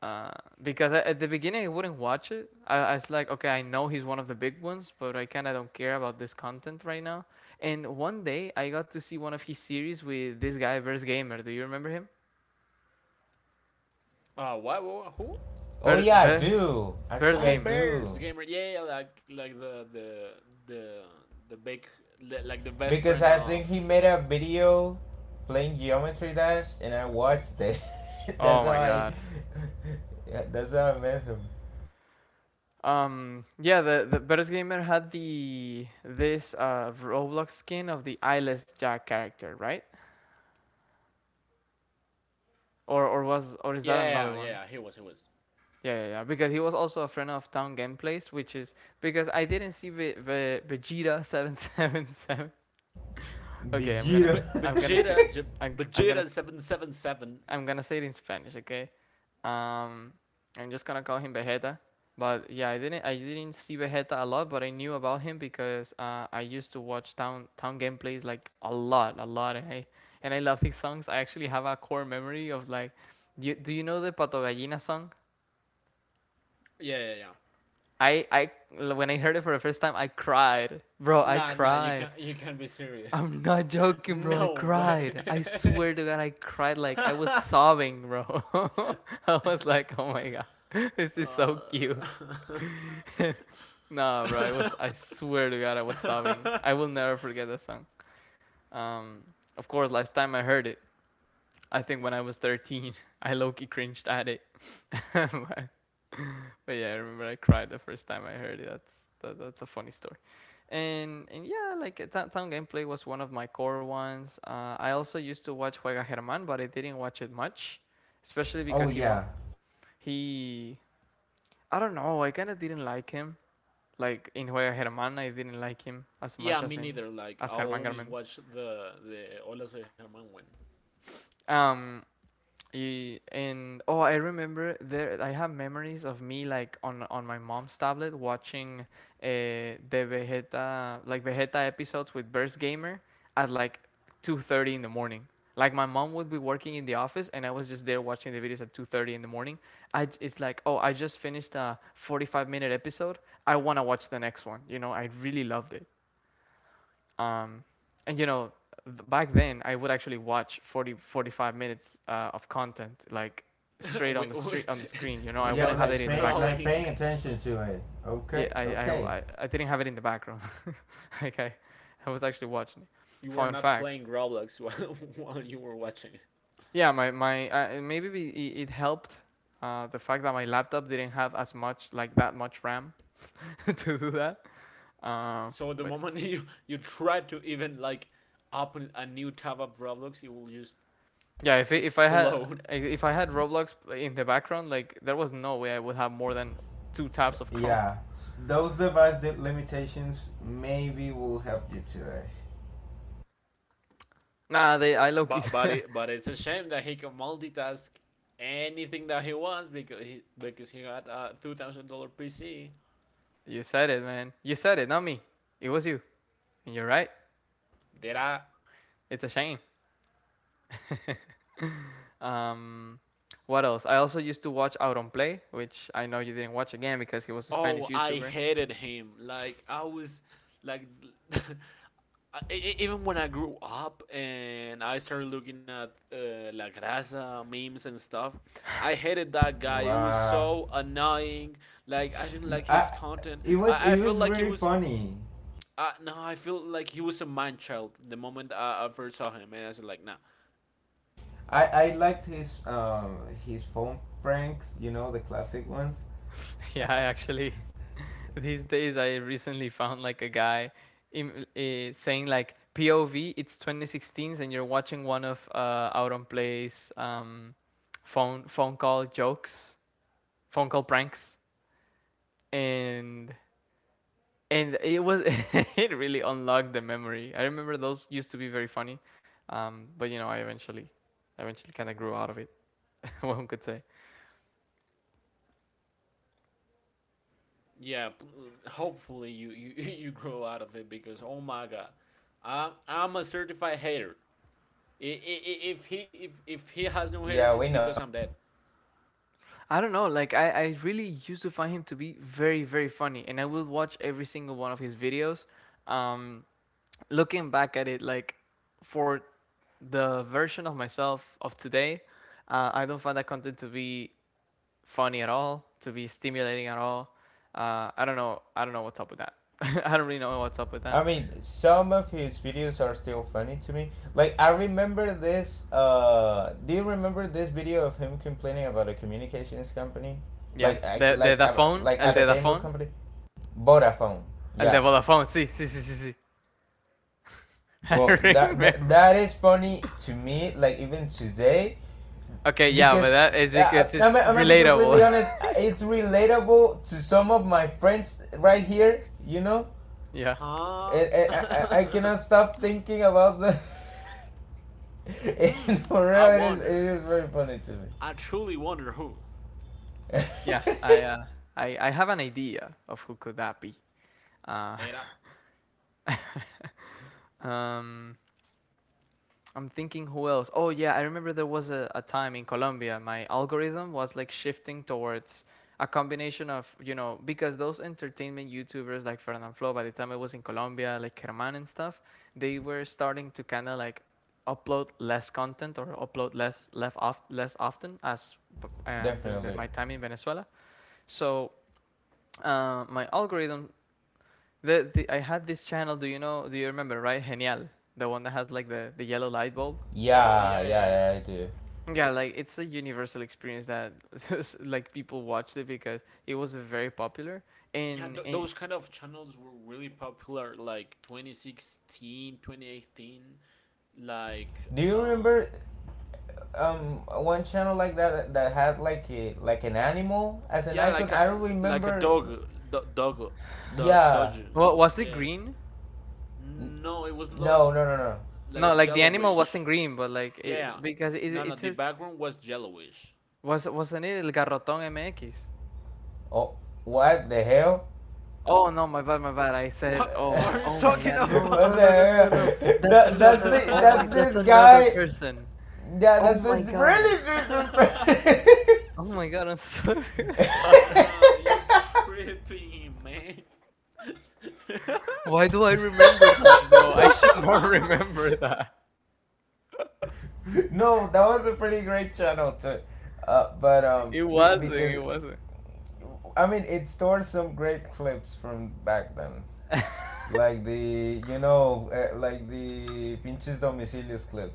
[SPEAKER 1] Uh, because at the beginning I wouldn't watch it. I was like, okay, I know he's one of the big ones, but I kind of don't care about this content right now. And one day I got to see one of his series with this guy, Bears Gamer. Do you remember him?
[SPEAKER 2] Who?
[SPEAKER 3] [laughs] Oh
[SPEAKER 1] Ber-
[SPEAKER 3] yeah, I
[SPEAKER 1] Bears,
[SPEAKER 3] do.
[SPEAKER 1] Bears
[SPEAKER 3] Actually,
[SPEAKER 2] Oh,
[SPEAKER 3] I
[SPEAKER 1] Gamer.
[SPEAKER 2] Bears,
[SPEAKER 3] do.
[SPEAKER 2] the gamer. Yeah, yeah, yeah, like, the the big, like, the best
[SPEAKER 3] Because
[SPEAKER 2] friend
[SPEAKER 3] I think
[SPEAKER 2] of.
[SPEAKER 3] he made a video playing Geometry Dash, and I watched it. [laughs]
[SPEAKER 1] Oh
[SPEAKER 3] That's how
[SPEAKER 1] my
[SPEAKER 3] I.
[SPEAKER 1] god.
[SPEAKER 3] Yeah, that's how I met him.
[SPEAKER 1] Yeah, the Bears Gamer had the this Roblox skin of the Eyeless Jack character, right? Or is that
[SPEAKER 2] Yeah,
[SPEAKER 1] another
[SPEAKER 2] yeah, yeah.
[SPEAKER 1] one?
[SPEAKER 2] Yeah, he was.
[SPEAKER 1] Yeah, yeah, yeah, because he was also a friend of Town Gameplays, which is because I didn't see Vegeta seven seven seven. [laughs] Okay,
[SPEAKER 3] Vegeta.
[SPEAKER 2] But
[SPEAKER 1] I'm gonna say,
[SPEAKER 2] Vegeta,
[SPEAKER 1] I'm, I'm gonna,
[SPEAKER 2] Vegeta
[SPEAKER 1] s-
[SPEAKER 2] seven seven seven.
[SPEAKER 1] I'm gonna say it in Spanish. Okay, um, I'm just gonna call him Vegeta. But yeah, I didn't see Vegeta a lot, but I knew about him because I used to watch Town Gameplays like a lot, and I love his songs. I actually have a core memory of, like, do you know the Pato Gallina song?
[SPEAKER 2] Yeah, yeah, yeah.
[SPEAKER 1] I When I heard it for the first time, I cried, bro. I
[SPEAKER 2] Nah, nah. You
[SPEAKER 1] cried.
[SPEAKER 2] can't, you can't be serious.
[SPEAKER 1] I'm not
[SPEAKER 2] [laughs]
[SPEAKER 1] joking, bro. I
[SPEAKER 2] No way.
[SPEAKER 1] cried. I swear to God, I cried like
[SPEAKER 2] [laughs]
[SPEAKER 1] I was
[SPEAKER 2] uh,
[SPEAKER 1] sobbing, bro. [laughs] I was like, oh my God, this is so cute.
[SPEAKER 2] [laughs]
[SPEAKER 1] [laughs] Nah, bro. I was. I swear to God, I was sobbing. I will never forget that song. Um, of course, last time I heard it, I think when I was 13, [laughs] I low-key cringed at it. [laughs] but, but yeah, I remember I cried the first time I heard it. That's a funny story. And yeah, like Town Gameplay was one of my core ones. I also used to watch Juega Germán, but I didn't watch it much, especially
[SPEAKER 3] [laughs] Oh
[SPEAKER 1] because he was
[SPEAKER 3] yeah,
[SPEAKER 1] he. I don't know. I kind of didn't like him. Like in Juega Germán, I didn't like him as
[SPEAKER 2] yeah,
[SPEAKER 1] much
[SPEAKER 2] me
[SPEAKER 1] as in
[SPEAKER 2] neither. Like
[SPEAKER 1] as
[SPEAKER 2] I'll
[SPEAKER 1] Germán
[SPEAKER 2] always
[SPEAKER 1] Garmendia.
[SPEAKER 2] watch the Hola Soy Germán one.
[SPEAKER 1] Um, and oh, I remember there. I have memories of me like on my mom's tablet watching the Vegeta episodes with Burst Gamer at like 2:30 in the morning. Like my mom would be working in the office, and I was just there watching the videos at 2:30 in the morning. It's like, oh, I just finished a 45-minute episode. I wanna watch the next one. You know, I really loved it. Um, and you know, back then I would actually watch 40, 45 minutes of content, like straight on the
[SPEAKER 2] [laughs]
[SPEAKER 1] screen. You know, I
[SPEAKER 3] yeah.
[SPEAKER 1] wouldn't
[SPEAKER 2] Without
[SPEAKER 1] have it in the background.
[SPEAKER 3] Like paying
[SPEAKER 2] scrolling.
[SPEAKER 3] attention to it.
[SPEAKER 1] Yeah,
[SPEAKER 3] Okay,
[SPEAKER 1] I
[SPEAKER 3] okay.
[SPEAKER 1] I I, I didn't have it in the background. [laughs] Like I was actually watching it.
[SPEAKER 2] You
[SPEAKER 1] Fun
[SPEAKER 2] were not
[SPEAKER 1] fact.
[SPEAKER 2] playing Roblox while, [laughs] while you were watching it.
[SPEAKER 1] Yeah, my maybe it helped. The fact that my laptop didn't have as much like that much RAM [laughs] to do that. Um,
[SPEAKER 2] So the moment, [laughs] you try to even like open a new tab of Roblox, it will just
[SPEAKER 1] Yeah,
[SPEAKER 2] explode. [laughs]
[SPEAKER 1] if I had Roblox in the background, like there was no way I would have more than two tabs of Chrome.
[SPEAKER 3] Yeah,
[SPEAKER 1] [laughs]
[SPEAKER 3] s- those device limitations maybe will help you today.
[SPEAKER 1] Nah, they I low key.
[SPEAKER 2] But it's a shame that he can multitask anything that he wants, because he got a $2,000 PC.
[SPEAKER 1] [laughs] You said it, man. You said it, not me. It was you. And you're right.
[SPEAKER 2] There are.
[SPEAKER 1] It's a shame. Um, what else? I also used to watch Out on Play, which I know you didn't watch again because he was a Spanish
[SPEAKER 2] Oh, I
[SPEAKER 1] YouTuber.
[SPEAKER 2] hated him. Like, I was like, [laughs] even when I grew up and I started looking at la grasa memes and stuff, I hated that guy, it was
[SPEAKER 3] Wow,
[SPEAKER 2] so annoying. Like, I didn't like his
[SPEAKER 3] I,
[SPEAKER 2] content, I
[SPEAKER 3] it was
[SPEAKER 2] felt like he
[SPEAKER 3] very
[SPEAKER 2] was,
[SPEAKER 3] funny.
[SPEAKER 2] no, I feel like he was a man child the moment I first saw him, and I was like, nah.
[SPEAKER 3] I I liked his phone pranks. You know, the classic ones.
[SPEAKER 1] [laughs] Yeah, I actually
[SPEAKER 3] [laughs]
[SPEAKER 1] these days, I recently found, like, a guy saying like, POV, it's 2016, and you're watching one of Out on Play's, phone call jokes, phone call pranks, and and it was [laughs] it really unlocked the memory. I remember those used to be very funny, but you know, I eventually kind of grew out of it. [laughs] One could say.
[SPEAKER 2] Yeah, hopefully [laughs] you grow out of it, because, oh my god, I'm a certified hater. If he has no hair,
[SPEAKER 3] Yeah,
[SPEAKER 2] it's
[SPEAKER 3] we know.
[SPEAKER 2] because I'm dead.
[SPEAKER 1] I don't know. Like I really used to find him to be very, very funny, and I will watch every single one of his videos. Um, Looking back at it, like for the version of myself of today, I don't find that content to be funny at all, to be stimulating at all. I don't know. I don't know what's up with that. [laughs] I don't really know what's up with
[SPEAKER 3] I
[SPEAKER 1] that.
[SPEAKER 3] mean, some of his videos are still funny to me. Like I remember this. Do you remember this video of him complaining about a communications company?
[SPEAKER 1] Yeah, the the the phone,
[SPEAKER 3] Like
[SPEAKER 1] el
[SPEAKER 3] at a
[SPEAKER 1] de the
[SPEAKER 3] cable
[SPEAKER 1] phone,
[SPEAKER 3] company, Vodafone.
[SPEAKER 1] el de
[SPEAKER 3] Yeah.
[SPEAKER 1] Vodafone. Sí, sí, sí, sí, sí. [laughs]
[SPEAKER 3] Well,
[SPEAKER 1] I remember.
[SPEAKER 3] that is funny to me. Like even today,
[SPEAKER 1] Okay, yeah, but
[SPEAKER 3] because
[SPEAKER 1] that is because it's
[SPEAKER 3] I'm gonna be completely
[SPEAKER 1] relatable. [laughs]
[SPEAKER 3] honest. It's relatable to some of my friends right here. You know,
[SPEAKER 1] Yeah,
[SPEAKER 2] Huh?
[SPEAKER 3] it, it, I, I
[SPEAKER 2] [laughs]
[SPEAKER 3] cannot stop thinking about the. [laughs] And
[SPEAKER 2] Hmm.
[SPEAKER 3] for
[SPEAKER 2] I
[SPEAKER 3] real, it
[SPEAKER 2] wonder.
[SPEAKER 3] is very funny to me.
[SPEAKER 2] I truly wonder who.
[SPEAKER 1] yeah. I uh,
[SPEAKER 3] [laughs]
[SPEAKER 1] I I have an idea of who could that be. Uh,
[SPEAKER 2] Data.
[SPEAKER 1] [laughs] um, I'm thinking who else? Oh yeah, I remember there was a time in Colombia my algorithm was like shifting towards a combination of, you know, because those entertainment YouTubers like Fernand Flo, by the time I was in Colombia, like Herman and stuff, they were starting to kind of like upload less content, or upload less, left off less often, as during the,
[SPEAKER 3] Definitely.
[SPEAKER 1] my time in Venezuela. So, my algorithm. The, I had this channel. Do you know? Do you remember? Right, Genial, the one that has like the yellow light bulb.
[SPEAKER 2] Oh
[SPEAKER 3] Yeah,
[SPEAKER 2] yeah, yeah, yeah.
[SPEAKER 3] yeah, yeah, I do.
[SPEAKER 1] Yeah, like it's a universal experience that [laughs] like people watched it because it was very popular.
[SPEAKER 2] Yeah,
[SPEAKER 1] In in
[SPEAKER 2] those kind of channels were really popular, like, 2016, 2018. like
[SPEAKER 3] Do you
[SPEAKER 2] um
[SPEAKER 3] remember one channel like that that had like a like an animal as an
[SPEAKER 2] yeah,
[SPEAKER 3] icon?
[SPEAKER 2] like
[SPEAKER 3] I don't
[SPEAKER 2] a
[SPEAKER 3] remember.
[SPEAKER 2] dog, do, dog, do,
[SPEAKER 3] Yeah.
[SPEAKER 2] dodge.
[SPEAKER 1] what, was it
[SPEAKER 2] Yeah.
[SPEAKER 1] green?
[SPEAKER 3] N-
[SPEAKER 2] No, it was
[SPEAKER 3] No, no, no, no, no.
[SPEAKER 1] No,
[SPEAKER 2] like
[SPEAKER 1] like the animal wasn't
[SPEAKER 2] yellowish.
[SPEAKER 1] green, but like
[SPEAKER 2] Yeah.
[SPEAKER 1] it
[SPEAKER 2] Yeah.
[SPEAKER 1] because it
[SPEAKER 2] No, no,
[SPEAKER 1] it's
[SPEAKER 2] the
[SPEAKER 1] a
[SPEAKER 2] background was yellowish.
[SPEAKER 1] wasn't it El Garrotón MX?
[SPEAKER 3] Oh, what the hell?
[SPEAKER 1] Oh no, my bad, my bad. I said,
[SPEAKER 2] What
[SPEAKER 3] [laughs]
[SPEAKER 1] oh
[SPEAKER 2] what
[SPEAKER 1] my,
[SPEAKER 2] are you
[SPEAKER 1] oh my
[SPEAKER 2] talking
[SPEAKER 1] God, no,
[SPEAKER 3] What
[SPEAKER 1] no, no,
[SPEAKER 2] about?
[SPEAKER 1] no, no, no, no.
[SPEAKER 3] the hell?
[SPEAKER 1] That's
[SPEAKER 3] That that's
[SPEAKER 1] another.
[SPEAKER 3] the
[SPEAKER 1] Oh my,
[SPEAKER 3] that's
[SPEAKER 1] that's
[SPEAKER 3] this
[SPEAKER 2] [laughs]
[SPEAKER 1] another
[SPEAKER 3] guy.
[SPEAKER 1] person.
[SPEAKER 3] Yeah,
[SPEAKER 1] Oh
[SPEAKER 3] that's a
[SPEAKER 1] my God.
[SPEAKER 3] really different person.
[SPEAKER 1] Oh my god, I'm so [laughs] sorry.
[SPEAKER 2] No, you're tripping, man.
[SPEAKER 1] Why do I remember that, bro? I should not [laughs] remember that.
[SPEAKER 3] [laughs] No, that was a pretty great channel too,
[SPEAKER 1] It wasn't,
[SPEAKER 3] because
[SPEAKER 1] it wasn't.
[SPEAKER 3] I mean it stores some great clips from back then, like the you know like the pinches domicilios clip,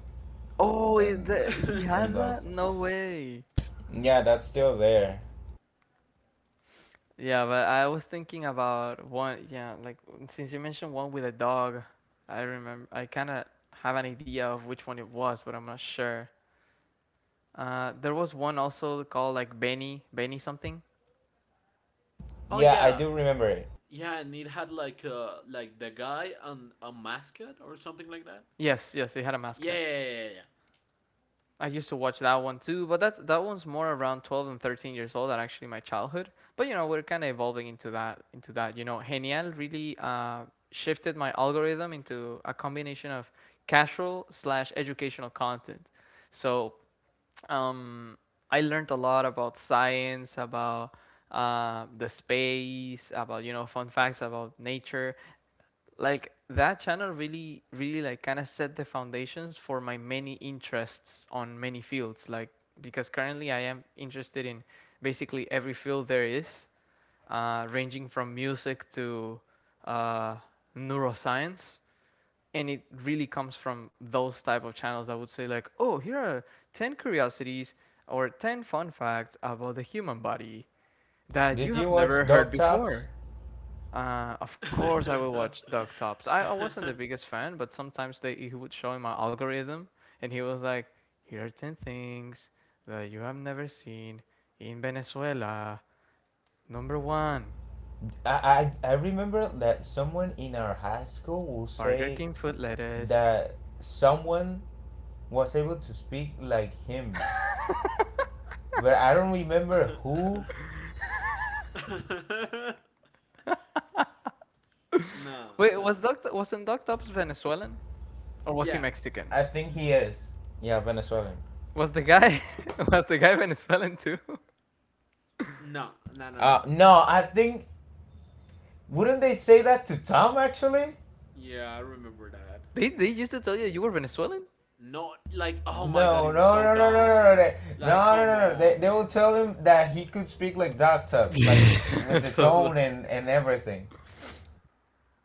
[SPEAKER 1] Oh,
[SPEAKER 3] and
[SPEAKER 1] he
[SPEAKER 2] [laughs]
[SPEAKER 1] has
[SPEAKER 3] those.
[SPEAKER 1] that? No way.
[SPEAKER 3] Yeah, that's still there.
[SPEAKER 1] Yeah, but I was thinking about one, yeah, like since you mentioned one with a dog, I remember I kind of have an idea of which one it was, but I'm not sure. There was one also called like Benny something.
[SPEAKER 2] Oh
[SPEAKER 3] Yeah, I
[SPEAKER 2] yeah.
[SPEAKER 3] do remember it.
[SPEAKER 2] Yeah, and it had like a like the guy and a mascot or something like that.
[SPEAKER 1] Yes, yes, it had a
[SPEAKER 2] Yeah,
[SPEAKER 1] mascot.
[SPEAKER 2] yeah,
[SPEAKER 1] I used to watch that one too, but that one's more around 12 and 13 years old than actually my childhood. But you know, we're kind of evolving into that. You know, Genial really shifted my algorithm into a combination of casual slash educational content. So um, I learned a lot about science, about the space, about, you know, fun facts about nature. Like that channel really, really like kind of set the foundations for my many interests on many fields. Like, because currently I am interested in basically every field there is, ranging from music to uh, neuroscience, and it really comes from those type of channels that would say like, "Oh, here are 10 curiosities or 10 fun facts about the human body that you
[SPEAKER 3] Did
[SPEAKER 1] have
[SPEAKER 3] you
[SPEAKER 1] never
[SPEAKER 3] watch
[SPEAKER 1] heard
[SPEAKER 3] Dog Tops?
[SPEAKER 1] before." Of course, I will
[SPEAKER 2] yeah,
[SPEAKER 1] watch Doug Tops. I wasn't the biggest fan, but sometimes they he would show in my algorithm, and he was like, "Here are 10 things that you have never seen in Venezuela. Number one,
[SPEAKER 3] I remember that someone in our high school will
[SPEAKER 1] Burger
[SPEAKER 3] say
[SPEAKER 1] King food lettuce."
[SPEAKER 3] that someone was able to speak like him, but I don't remember who.
[SPEAKER 2] yeah. [laughs] No,
[SPEAKER 1] Wait,
[SPEAKER 2] no.
[SPEAKER 1] was Doc wasn't Doc Tops Venezuelan, or was he
[SPEAKER 2] Yeah.
[SPEAKER 1] Mexican?
[SPEAKER 3] I think he is. Yeah, Venezuelan.
[SPEAKER 1] Was the guy [laughs] was the guy Venezuelan too? [laughs]
[SPEAKER 2] [laughs] No, no, no, no.
[SPEAKER 3] No, I think wouldn't they say that to Tom actually?
[SPEAKER 2] Yeah, I remember that.
[SPEAKER 1] They used to tell you you were Venezuelan?
[SPEAKER 2] Not like, oh my god,
[SPEAKER 3] No,
[SPEAKER 2] you were
[SPEAKER 3] no,
[SPEAKER 2] so
[SPEAKER 3] no, no, no, no, no, no,
[SPEAKER 2] dumb. Like,
[SPEAKER 3] no, no,
[SPEAKER 2] come
[SPEAKER 3] no, no.
[SPEAKER 2] on,
[SPEAKER 3] They will
[SPEAKER 2] man.
[SPEAKER 3] tell him that he could speak like Doc Tubbs,
[SPEAKER 1] Yeah.
[SPEAKER 3] like
[SPEAKER 1] [laughs]
[SPEAKER 3] with the
[SPEAKER 1] So
[SPEAKER 3] tone and everything.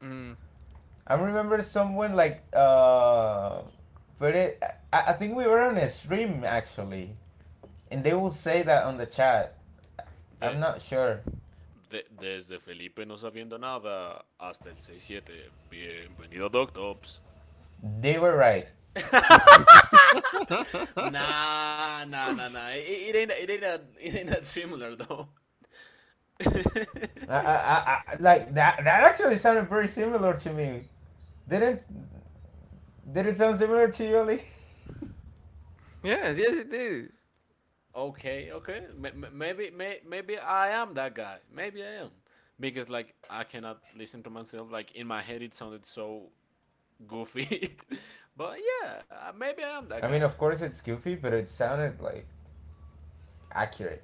[SPEAKER 1] mm,
[SPEAKER 3] I remember someone like but it, I think we were on a stream actually, and they will say that on the chat. I'm
[SPEAKER 2] De-
[SPEAKER 3] not sure.
[SPEAKER 2] Desde Felipe no sabiendo nada hasta el 6-7. Bienvenido, Doctops.
[SPEAKER 3] They were right.
[SPEAKER 2] Nah, nah, nah, nah. It ain't that, [laughs] it ain't that similar though. [laughs]
[SPEAKER 3] I, like that. That actually sounded very similar to me. Didn't Did it sound similar to you, Ali?
[SPEAKER 1] yeah, yeah, they did.
[SPEAKER 2] Okay, okay. Maybe I am that guy. Maybe I am, because, like, I cannot listen to myself. Like, in my head, it sounded so goofy. [laughs] But yeah, maybe I am that
[SPEAKER 3] [laughs] I
[SPEAKER 2] guy.
[SPEAKER 3] mean, of course it's goofy, but it sounded like accurate.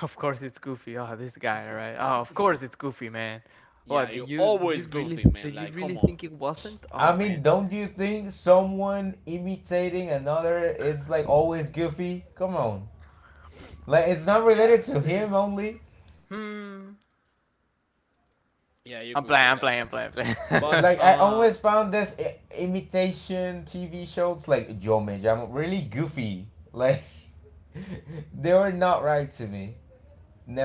[SPEAKER 1] Of course it's Goofy. Oh, this guy, right? Oh, of course it's Goofy, man.
[SPEAKER 2] Yeah,
[SPEAKER 1] What did
[SPEAKER 2] you're
[SPEAKER 1] you did you
[SPEAKER 2] always
[SPEAKER 1] really
[SPEAKER 2] goofy, man.
[SPEAKER 1] did you
[SPEAKER 2] Like,
[SPEAKER 1] really
[SPEAKER 2] come on.
[SPEAKER 1] think it wasn't?
[SPEAKER 3] I
[SPEAKER 1] Oh
[SPEAKER 3] mean,
[SPEAKER 1] man.
[SPEAKER 3] don't you think someone imitating another it's like always goofy? Come on. Like it's not
[SPEAKER 2] Yeah.
[SPEAKER 3] related to him only.
[SPEAKER 1] Hmm.
[SPEAKER 2] [laughs] Yeah, you
[SPEAKER 1] I'm
[SPEAKER 2] could
[SPEAKER 1] playing.
[SPEAKER 2] say
[SPEAKER 1] I'm
[SPEAKER 2] that.
[SPEAKER 1] playing. I'm playing. I'm playing.
[SPEAKER 2] But
[SPEAKER 3] Like I always found this imitation TV shows like Joe Me am really goofy. Like [laughs] they were not right to me.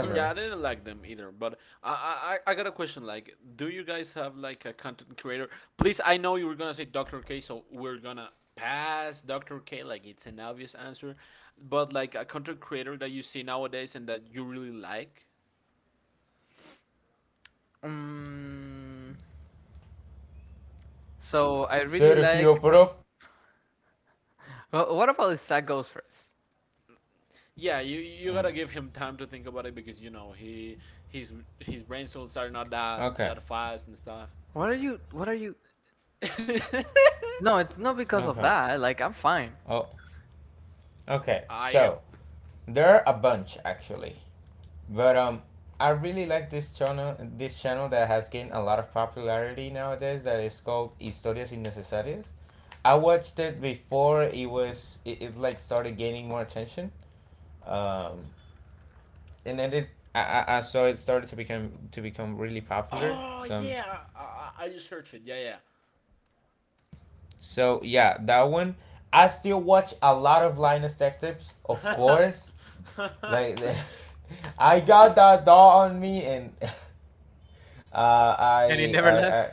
[SPEAKER 2] yeah, I didn't like them either. But I got a question. Like, do you guys have like a content creator? Please, I know you were gonna say Dr. K, so we're gonna pass Dr. K. Like, it's an obvious answer. But like a content creator that you see nowadays and that you really like.
[SPEAKER 1] [laughs] mm, so I really like.
[SPEAKER 3] Sergio Pro.
[SPEAKER 1] Well, what about this? That goes first?
[SPEAKER 2] Yeah, you
[SPEAKER 3] Um,
[SPEAKER 2] gotta give him time to think about it, because he his brain cells are not that
[SPEAKER 3] okay.
[SPEAKER 2] that fast and stuff.
[SPEAKER 1] What are you?
[SPEAKER 2] [laughs]
[SPEAKER 1] No, it's not because of
[SPEAKER 3] Okay.
[SPEAKER 1] that. Like, I'm fine.
[SPEAKER 3] Oh. Okay. So
[SPEAKER 2] I
[SPEAKER 3] there are a bunch actually. But I really like this channel. This channel that has gained a lot of popularity nowadays. That is called Historias Innecesarias. I watched it before it like started gaining more attention. Um, and then it I, I saw it started to become really popular.
[SPEAKER 2] Oh
[SPEAKER 3] Some
[SPEAKER 2] yeah, I just searched it. Yeah,
[SPEAKER 3] so yeah, that one. I still watch a lot of Linus Tech Tips, of
[SPEAKER 2] yeah.
[SPEAKER 3] course.
[SPEAKER 2] [laughs]
[SPEAKER 3] Like [laughs] I got that doll on me and. [laughs] Uh,
[SPEAKER 1] And he
[SPEAKER 3] I, I,
[SPEAKER 1] never left.
[SPEAKER 3] I,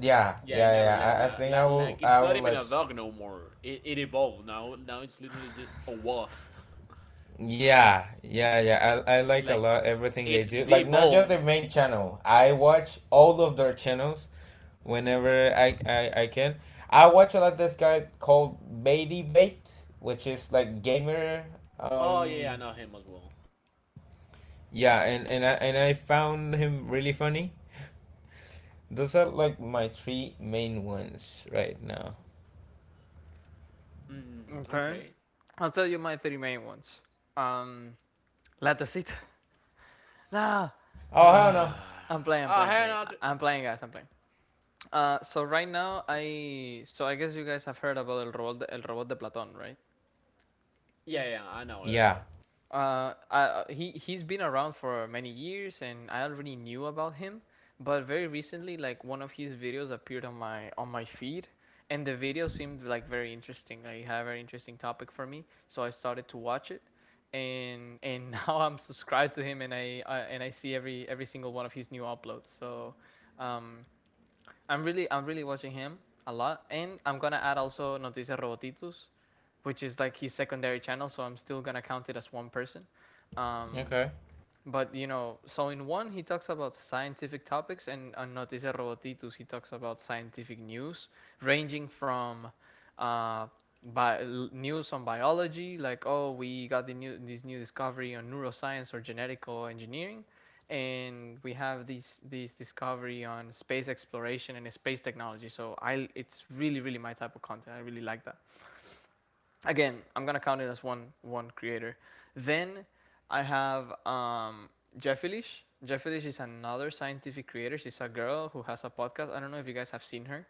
[SPEAKER 3] yeah,
[SPEAKER 2] Yeah, I
[SPEAKER 3] yeah,
[SPEAKER 2] never
[SPEAKER 3] yeah.
[SPEAKER 2] left.
[SPEAKER 3] I
[SPEAKER 2] Like,
[SPEAKER 3] think
[SPEAKER 2] like, like
[SPEAKER 3] I
[SPEAKER 2] it's not
[SPEAKER 3] will
[SPEAKER 2] even
[SPEAKER 3] let.
[SPEAKER 2] a dog no more. It evolved now. Now it's literally just a wolf.
[SPEAKER 3] Yeah, yeah, yeah. I
[SPEAKER 2] [laughs]
[SPEAKER 3] like a
[SPEAKER 2] Like,
[SPEAKER 3] lot everything they do.
[SPEAKER 2] it
[SPEAKER 3] Like not just their
[SPEAKER 2] devolved.
[SPEAKER 3] main channel. I watch all of their channels whenever I can. I watch a lot this guy called Baity Bait, which is like gamer.
[SPEAKER 2] Oh yeah, yeah, I
[SPEAKER 3] Um,
[SPEAKER 2] know him as well.
[SPEAKER 3] yeah, and and I found him really funny. Those are like my three main ones right now.
[SPEAKER 2] Mm,
[SPEAKER 1] Okay.
[SPEAKER 2] okay.
[SPEAKER 1] I'll tell you my three main ones. Um, La Tacita. [laughs] Nah,
[SPEAKER 3] Oh hell no.
[SPEAKER 2] [sighs] Ah,
[SPEAKER 1] I'm
[SPEAKER 2] hey,
[SPEAKER 1] playing.
[SPEAKER 2] not.
[SPEAKER 1] I'm playing, guys, I'm playing. So right now, I guess you guys have heard about El Robot de Platón, right?
[SPEAKER 2] Yeah, yeah, I know it. I
[SPEAKER 3] Yeah.
[SPEAKER 2] know it.
[SPEAKER 1] He's been around for many years, and I already knew about him. But very recently, like, one of his videos appeared on my feed, and the video seemed like very interesting. Like, it had a very interesting topic for me, so I started to watch it, and [laughs] now I'm subscribed to him, and I see every single one of his new uploads. So, um, I'm really watching him a lot, and I'm gonna add also Noticias Robotitus, which is like his secondary channel, so I'm still gonna count it as one person. Um,
[SPEAKER 3] Okay.
[SPEAKER 1] but, you know, so in one he talks about scientific topics, and on Noticias Robotitus he talks about scientific news, ranging from uh, bi- news on biology, like, "Oh, we got the new this new discovery on neuroscience or genetical engineering, and we have these discovery on space exploration and space technology." So I it's really really my type of content. I really like that. Again, I'm gonna count it as one creator. Then I have Jeff Elish is another scientific creator. She's a girl who has a podcast. I don't know if you guys have seen her.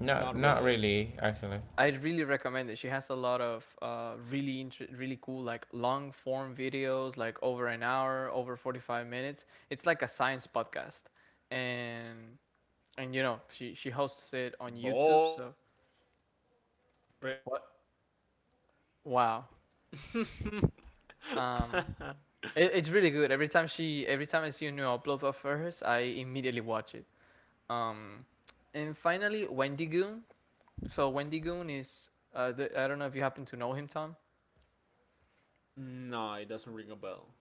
[SPEAKER 3] Not
[SPEAKER 2] Not
[SPEAKER 3] not
[SPEAKER 2] really.
[SPEAKER 3] really, actually.
[SPEAKER 1] I really recommend it. She has a lot of really really cool, like, long form videos, like over an hour, over 45 minutes. It's like a science podcast, and you know she hosts it on YouTube.
[SPEAKER 2] Boy.
[SPEAKER 1] So
[SPEAKER 2] [laughs]
[SPEAKER 1] what? Wow. Um, it's really good. Every time I see a new upload of hers, I immediately watch it. Um, and finally, Wendy Goon. So Wendy Goon is, I don't know if you happen to know him, Tom.
[SPEAKER 2] No, it doesn't ring a bell.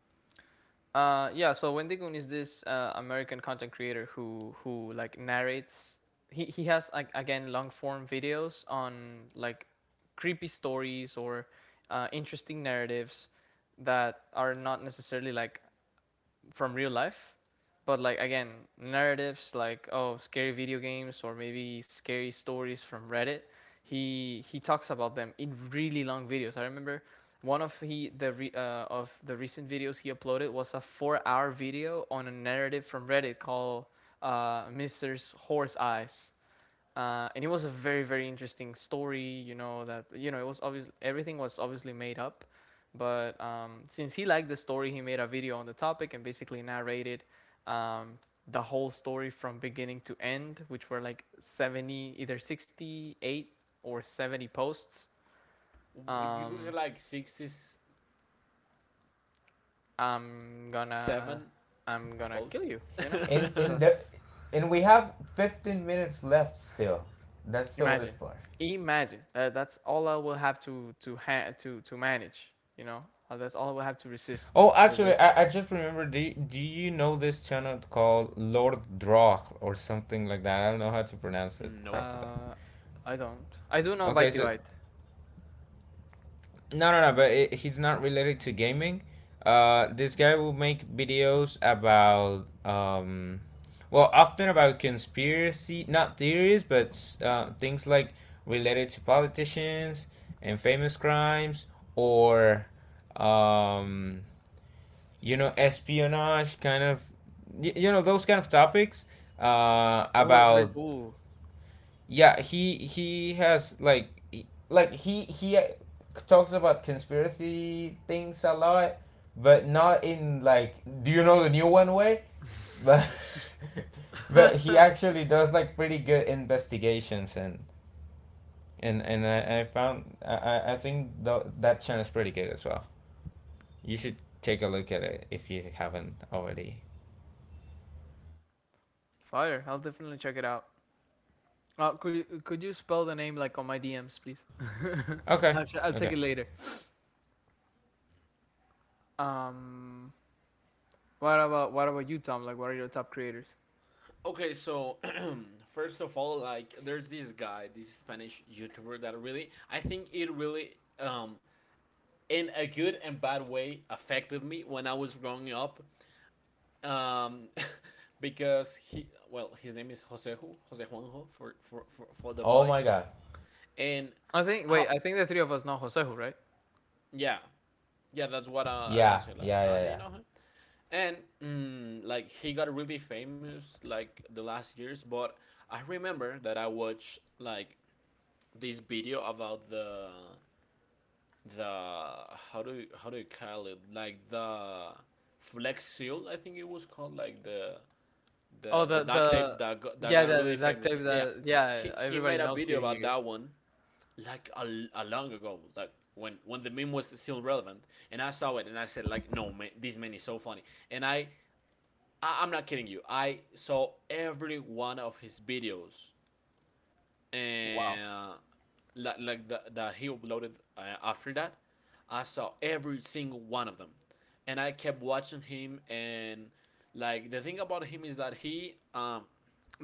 [SPEAKER 1] Yeah. So Wendy Goon is this American content creator who like narrates. He has, like, again, long form videos on like creepy stories or interesting narratives that are not necessarily like from real life, but, like, again, narratives like, "Oh, scary video games, or maybe scary stories from Reddit." He talks about them in really long videos. I remember one of the recent videos he uploaded was a 4-hour video on a narrative from Reddit called Mister's Horse Eyes, and it was a very very interesting story. You know that, you know, it was obvious everything was obviously made up, but since he liked the story, he made a video on the topic and basically narrated um, the whole story from beginning to end, which were like 70, either 68 or 70 posts.
[SPEAKER 2] You could say
[SPEAKER 1] Um,
[SPEAKER 2] like 67
[SPEAKER 1] I'm gonna I'm gonna kill
[SPEAKER 2] posts.
[SPEAKER 1] you. You know
[SPEAKER 2] [laughs]
[SPEAKER 3] In
[SPEAKER 1] that's.
[SPEAKER 3] the, and we have 15 minutes left still. That's the
[SPEAKER 1] Imagine,
[SPEAKER 3] worst part.
[SPEAKER 1] that that's all I will have to manage. You know, that's all I will have to resist
[SPEAKER 3] Oh,
[SPEAKER 1] with
[SPEAKER 3] actually,
[SPEAKER 1] this.
[SPEAKER 3] I just remember. Do do you know this channel called Lord Drog or something like that? I don't know how to pronounce it
[SPEAKER 2] Nope.
[SPEAKER 3] properly.
[SPEAKER 1] Uh, I don't. I do know
[SPEAKER 3] Okay,
[SPEAKER 1] Bite
[SPEAKER 3] so
[SPEAKER 1] Bite.
[SPEAKER 3] no, no, no. But it, he's not related to gaming. This guy will make videos about well, often about conspiracy, not theories, but things like related to politicians and famous crimes, or um, you know, espionage, kind of, you know, those kind of topics.
[SPEAKER 1] Oh, that's very
[SPEAKER 3] About
[SPEAKER 1] cool.
[SPEAKER 3] yeah he has like he talks about conspiracy things a lot, but not in like, do you know the new one way, but [laughs] but he
[SPEAKER 2] [laughs]
[SPEAKER 3] actually does like pretty good investigations, and I found I think th- that channel is pretty good as well. You should take a look at it if you haven't already.
[SPEAKER 1] Fire. I'll definitely check it out. Could you spell the name like on my DMs, please? [laughs]
[SPEAKER 3] Okay.
[SPEAKER 1] I'll check
[SPEAKER 3] Okay.
[SPEAKER 1] it later. Um, what about you, Tom? Like, what are your top creators?
[SPEAKER 2] Okay, so [clears throat] first of all, like there's this guy, this Spanish YouTuber that really, I think it really, um, in a good and bad way, affected me when I was growing up. Um, [laughs] because he, well, his name is Jose, Jose Juanjo for the
[SPEAKER 3] Oh my
[SPEAKER 2] voice,
[SPEAKER 3] god.
[SPEAKER 2] and,
[SPEAKER 1] I think.
[SPEAKER 2] uh,
[SPEAKER 1] Wait, I think the three of us know Josehu, right?
[SPEAKER 2] yeah, yeah. That's what I don't
[SPEAKER 3] Yeah.
[SPEAKER 2] say like,
[SPEAKER 3] Yeah.
[SPEAKER 2] ah, oh,
[SPEAKER 3] Yeah.
[SPEAKER 2] do you
[SPEAKER 3] Yeah.
[SPEAKER 2] know him? And like he got really famous like the last years, but I remember that I watched like this video about the how do you call it, like the flex seal, I think it was called, like the
[SPEAKER 1] Oh,
[SPEAKER 2] the the duct
[SPEAKER 1] the
[SPEAKER 2] tape that
[SPEAKER 1] yeah,
[SPEAKER 2] got
[SPEAKER 1] the
[SPEAKER 2] really
[SPEAKER 1] duct
[SPEAKER 2] famous
[SPEAKER 1] tape.
[SPEAKER 2] yeah
[SPEAKER 1] The
[SPEAKER 2] he,
[SPEAKER 1] Yeah,
[SPEAKER 2] he made a
[SPEAKER 1] everybody knows
[SPEAKER 2] video
[SPEAKER 1] it
[SPEAKER 2] about
[SPEAKER 1] here.
[SPEAKER 2] that one, like a long ago, like when the meme was still relevant. And I saw it and I said like, no man, this man is so funny. And I'm not kidding you. I saw every one of his videos,
[SPEAKER 1] Wow.
[SPEAKER 2] and like the he uploaded after that. I saw every single one of them, and I kept watching him. And like the thing about him is that he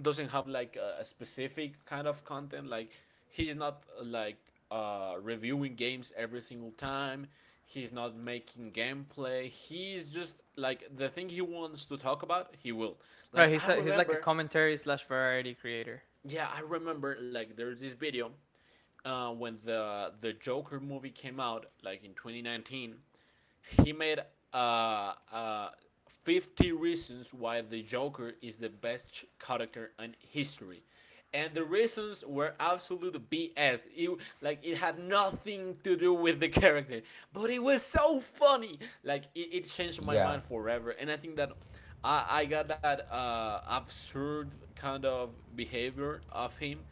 [SPEAKER 2] doesn't have like a specific kind of content. Like he's not like reviewing games every single time, he's not making gameplay, he's just like, the thing he wants to talk about, he will. Like
[SPEAKER 1] Right,
[SPEAKER 2] I
[SPEAKER 1] he's like a
[SPEAKER 2] remember
[SPEAKER 1] commentary slash variety creator.
[SPEAKER 2] yeah i remember like there's this video when the Joker movie came out, like in 2019. He made uh, uh, 50 reasons why the Joker is the best character in history. And the reasons were absolute BS. Like it had nothing to do with the character, but it was so funny. Like it changed my
[SPEAKER 3] Yeah.
[SPEAKER 2] mind forever. And I think that I got that absurd kind of behavior of him,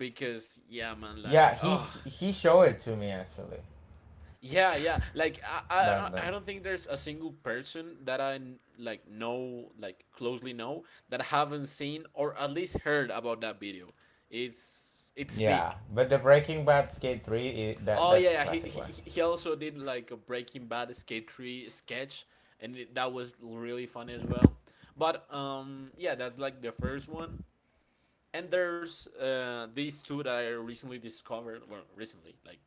[SPEAKER 2] because yeah, man,
[SPEAKER 3] Yeah,
[SPEAKER 2] like
[SPEAKER 3] he showed it to me actually
[SPEAKER 2] yeah, like I
[SPEAKER 3] back
[SPEAKER 2] I
[SPEAKER 3] then.
[SPEAKER 2] I don't think there's a single person that I like know, like closely know, that haven't seen or at least heard about that video. It's
[SPEAKER 3] Yeah,
[SPEAKER 2] big.
[SPEAKER 3] but the Breaking Bad Skate Three, I that
[SPEAKER 2] Oh yeah,
[SPEAKER 3] that's a
[SPEAKER 2] yeah,
[SPEAKER 3] classic one.
[SPEAKER 2] he also did like a Breaking Bad skate tree sketch, and that was really funny as well. But yeah, that's like the first one. And there's these two that I recently discovered. Well, recently, like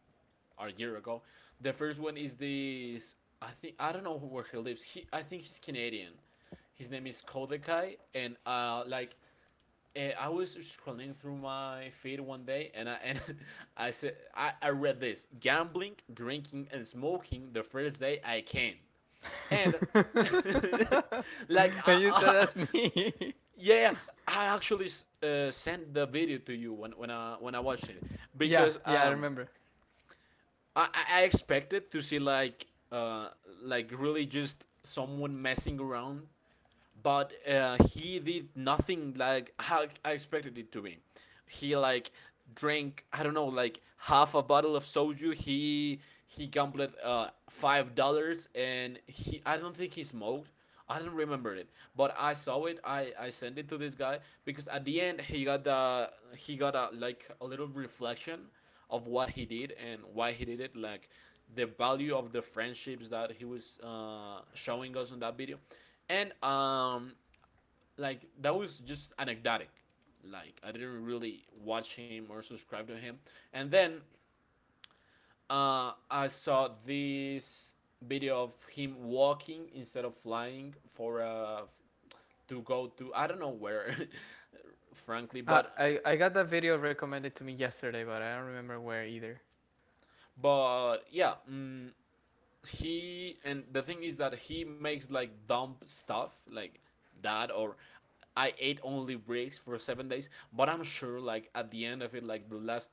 [SPEAKER 2] or a year ago. The first one is this. I think I don't know where he lives. He, I think he's Canadian. His name is Kodekai, and like I was scrolling through my feed one day, and I and [laughs] I said I read this: gambling, drinking, and smoking the first day I can, and
[SPEAKER 1] [laughs] And
[SPEAKER 2] [laughs] like
[SPEAKER 1] you said
[SPEAKER 2] I
[SPEAKER 1] that's me.
[SPEAKER 2] yeah. I actually sent the video to you when I watched it,
[SPEAKER 1] [laughs] Yeah,
[SPEAKER 2] because
[SPEAKER 1] yeah, I remember.
[SPEAKER 2] I expected to see like really just someone messing around, but he did nothing like how I expected it to be. He like drank, I don't know, like half a bottle of soju. He gambled $5, and he, I don't think he smoked. I don't remember it, but I saw it. I sent it to this guy, because at the end he got the he got a, like a little reflection of what he did and why he did it, like the value of the friendships that he was showing us on that video. And like that was just anecdotic, like I didn't really watch him or subscribe to him. And then I saw this video of him walking instead of flying for to go to, I don't know where, [laughs] frankly. but
[SPEAKER 1] I got that video recommended to me yesterday, but I don't remember where either.
[SPEAKER 2] but yeah mm, he and the thing is that he makes like dumb stuff like that, or I ate only bricks for 7 days, but I'm sure like at the end of it, like the last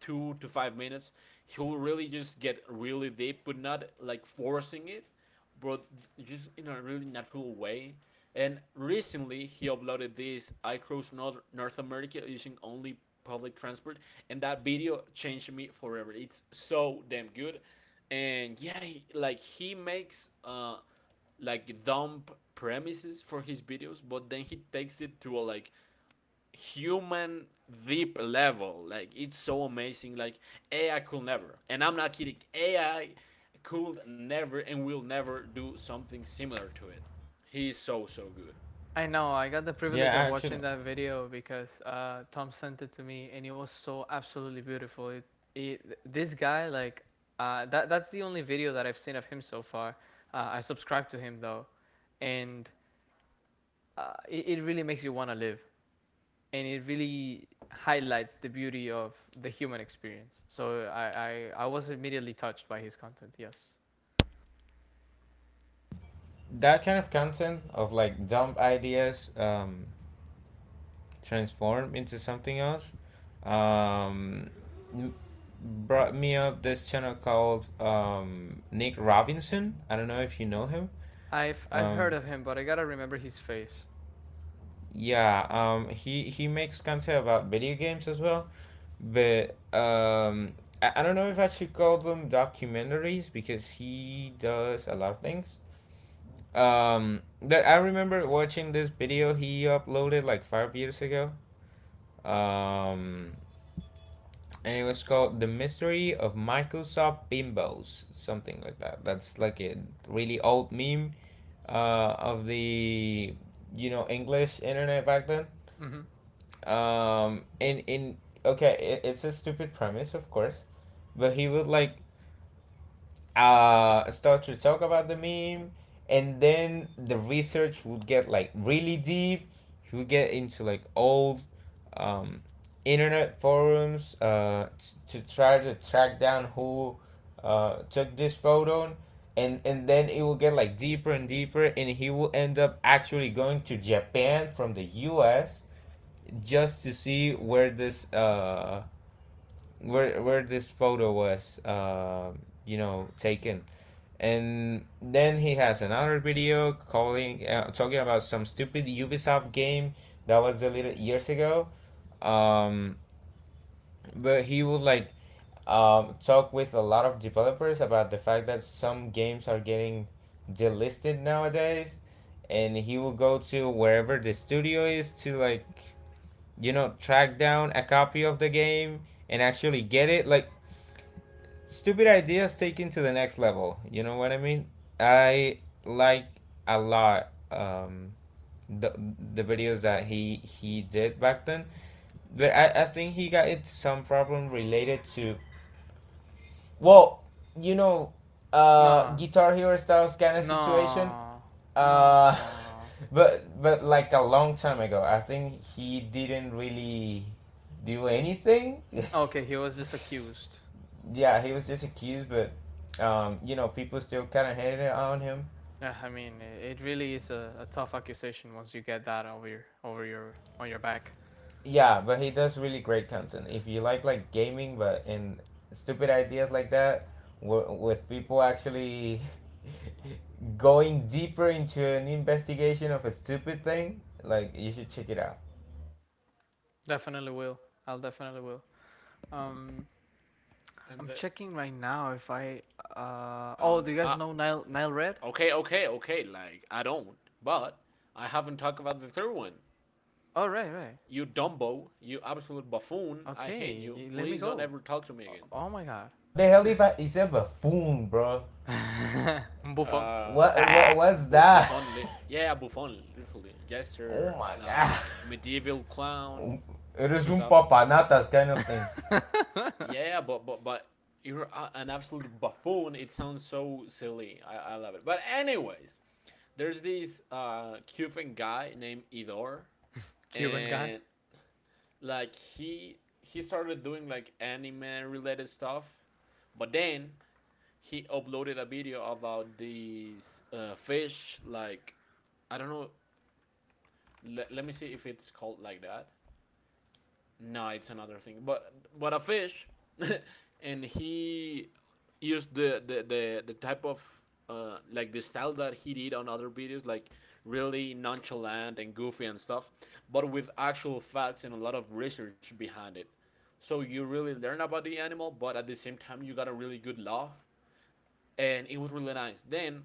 [SPEAKER 2] 2 to 5 minutes, he'll really just get really deep, but not like forcing it, but just in a really natural way. And recently, he uploaded this, I crossed North America using only public transport, and that video changed me forever. It's so damn good. And yeah, he, like he makes like dumb premises for his videos, but then he takes it to a like human deep level. Like it's so amazing. Like AI could never, and I'm not kidding. AI could never and will never do something similar to it. He's so so good.
[SPEAKER 1] I know I got the
[SPEAKER 3] Yeah,
[SPEAKER 1] privilege of watching
[SPEAKER 3] actually,
[SPEAKER 1] that video because Tom sent it to me, and it was so absolutely beautiful. It this guy like, that that's the only video that I've seen of him so far. I subscribe to him though, and it really makes you want to live, and it really highlights the beauty of the human experience. So I was immediately touched by his content. Yes,
[SPEAKER 3] that kind of content of like dumb ideas transform into something else, um, m- brought me up this channel called Nick Robinson. I don't know if you know him.
[SPEAKER 1] I've heard
[SPEAKER 3] Um,
[SPEAKER 1] of him, but I gotta remember his face.
[SPEAKER 3] Yeah, he makes content about video games as well, but I don't know if I should call them documentaries because he does a lot of things. That I remember watching this video he uploaded like 5 years ago. Um, and it was called "The Mystery of Microsoft Bimbos," something like that. That's like a really old meme, of the, you know, English internet back then.
[SPEAKER 1] Hmm.
[SPEAKER 3] In Okay, it, it's a stupid premise, of course, but he would like start to talk about the meme, and then the research would get like really deep. He would get into like old um internet forums to try to track down who took this photo. And then it will get like deeper and deeper, and he will end up actually going to Japan from the US just to see where this where this photo was you know, taken. And then he has another video calling talking about some stupid Ubisoft game that was deleted years ago, um but he would like talk with a lot of developers about the fact that some games are getting delisted nowadays. And he will go to wherever the studio is to like, you know, track down a copy of the game and actually get it. Like, stupid ideas taken to the next level. You know what I mean? I like a lot the the videos that he did back then, but I think he got into some problem related to, well, you know,
[SPEAKER 1] No,
[SPEAKER 3] Guitar Hero style kind of situation.
[SPEAKER 1] no,
[SPEAKER 3] Uh,
[SPEAKER 1] no.
[SPEAKER 3] [laughs] but like a long time ago, I think he didn't really do anything.
[SPEAKER 1] Okay, he was just accused.
[SPEAKER 3] [laughs] Yeah, he was just accused, but you know, people still kind of hated on him.
[SPEAKER 1] Yeah, I mean, it really is a tough accusation once you get that over your on your back.
[SPEAKER 3] Yeah, but he does really great content. If you like gaming, but and stupid ideas like that, with people actually [laughs] going deeper into an investigation of a stupid thing, like you should check it out.
[SPEAKER 1] Definitely will. I'll definitely will. Um,
[SPEAKER 2] And
[SPEAKER 1] I'm
[SPEAKER 2] the
[SPEAKER 1] checking right now if I. Oh,
[SPEAKER 2] on
[SPEAKER 1] do you guys know Nile Red?
[SPEAKER 2] okay, okay, okay. Like I don't, but I haven't talked about the third one.
[SPEAKER 1] Oh, right, right.
[SPEAKER 2] You Dumbo, you absolute buffoon. I hate
[SPEAKER 1] Okay,
[SPEAKER 2] you.
[SPEAKER 1] let me
[SPEAKER 2] Please don't
[SPEAKER 1] go.
[SPEAKER 2] ever talk to me again.
[SPEAKER 1] Oh my god.
[SPEAKER 3] What the hell if I? It's a buffoon, bro.
[SPEAKER 1] Buffon,
[SPEAKER 2] Uh,
[SPEAKER 3] What what's that?
[SPEAKER 2] Buffon, yeah, yeah, Buffon, literally
[SPEAKER 3] [laughs] Oh
[SPEAKER 2] jester,
[SPEAKER 3] my god.
[SPEAKER 2] like medieval clown
[SPEAKER 3] [laughs] It
[SPEAKER 2] and
[SPEAKER 3] is un
[SPEAKER 2] stuff.
[SPEAKER 3] papanatas kind of thing.
[SPEAKER 2] Yeah, yeah, but you're an absolute buffoon. It sounds so silly. I love it. But anyways, there's this Cuban guy named Idor,
[SPEAKER 1] Cuban guy.
[SPEAKER 2] and like he started doing like anime related stuff, but then he uploaded a video about these fish, like I don't know, let me see if it's called like that. No, it's another thing. But a fish, [laughs] and he used the type of like the style that he did on other videos, like really nonchalant and goofy and stuff, but with actual facts and a lot of research behind it. So you really learn about the animal, but at the same time you got a really good laugh, and it was really nice. Then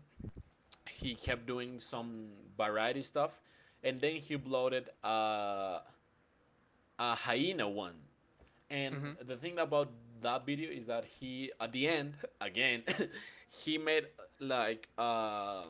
[SPEAKER 2] he kept doing some variety stuff, and then he uploaded a hyena one. And
[SPEAKER 1] Hmm.
[SPEAKER 2] the thing about that video is that he, at the end, again, [laughs] he made like uh,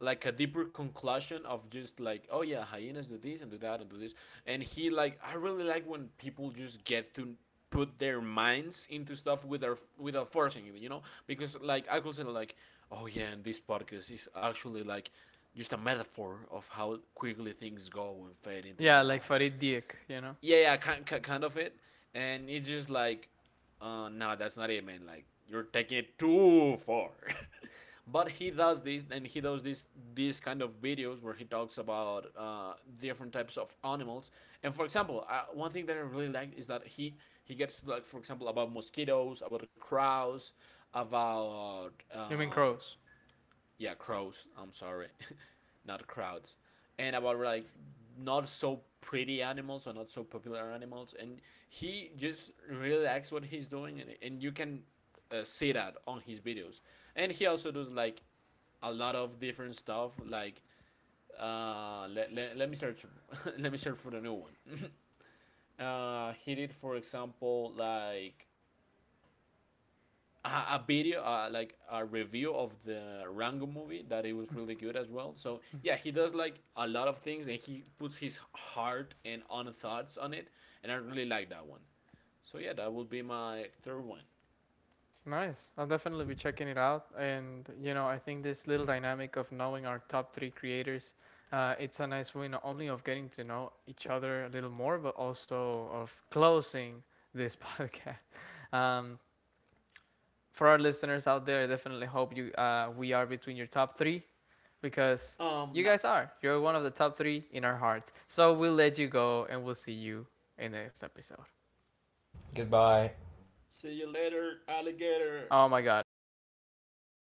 [SPEAKER 2] like a deeper conclusion of, just like, oh yeah, hyenas do this and do that and do this. And he, like, I really like when people just get to put their minds into stuff without forcing it, you know, because like I could say like, oh yeah, and this podcast is actually like just a metaphor of how quickly things go and fade into our
[SPEAKER 1] Yeah, like
[SPEAKER 2] lives.
[SPEAKER 1] Farid Diek, you know?
[SPEAKER 2] Yeah, yeah, kind of it. And it's just like, no, that's not it, man. Like you're taking it too far. [laughs] But he does this, and he does this these kind of videos where he talks about different types of animals. And for example, one thing that I really like is that he gets to, like for example about mosquitoes, about crows, about
[SPEAKER 1] You mean Crows.
[SPEAKER 2] yeah, crows, I'm sorry, [laughs] not crowds, and about like not so pretty animals or not so popular animals. And he just really likes what he's doing, and you can see that on his videos. And he also does like a lot of different stuff, like let me search, [laughs] let me search for the new one. [laughs] He did, for example, like a video, like a review of the Rango movie, that it was really good as well. So yeah, he does like a lot of things and he puts his heart and own thoughts on it, and I really like that one. So yeah, that will be my third one.
[SPEAKER 1] Nice. I'll definitely be checking it out. And, you know, I think this little dynamic of knowing our top three creators, it's a nice way not only of getting to know each other a little more, but also of closing this [laughs] podcast. Um, for our listeners out there, I definitely hope you we are between your top three. Because you
[SPEAKER 2] Now
[SPEAKER 1] guys are. You're one of the top three in our hearts. So we'll let you go, and we'll see you in the next episode.
[SPEAKER 3] Goodbye.
[SPEAKER 2] see you later, alligator.
[SPEAKER 1] Oh my God.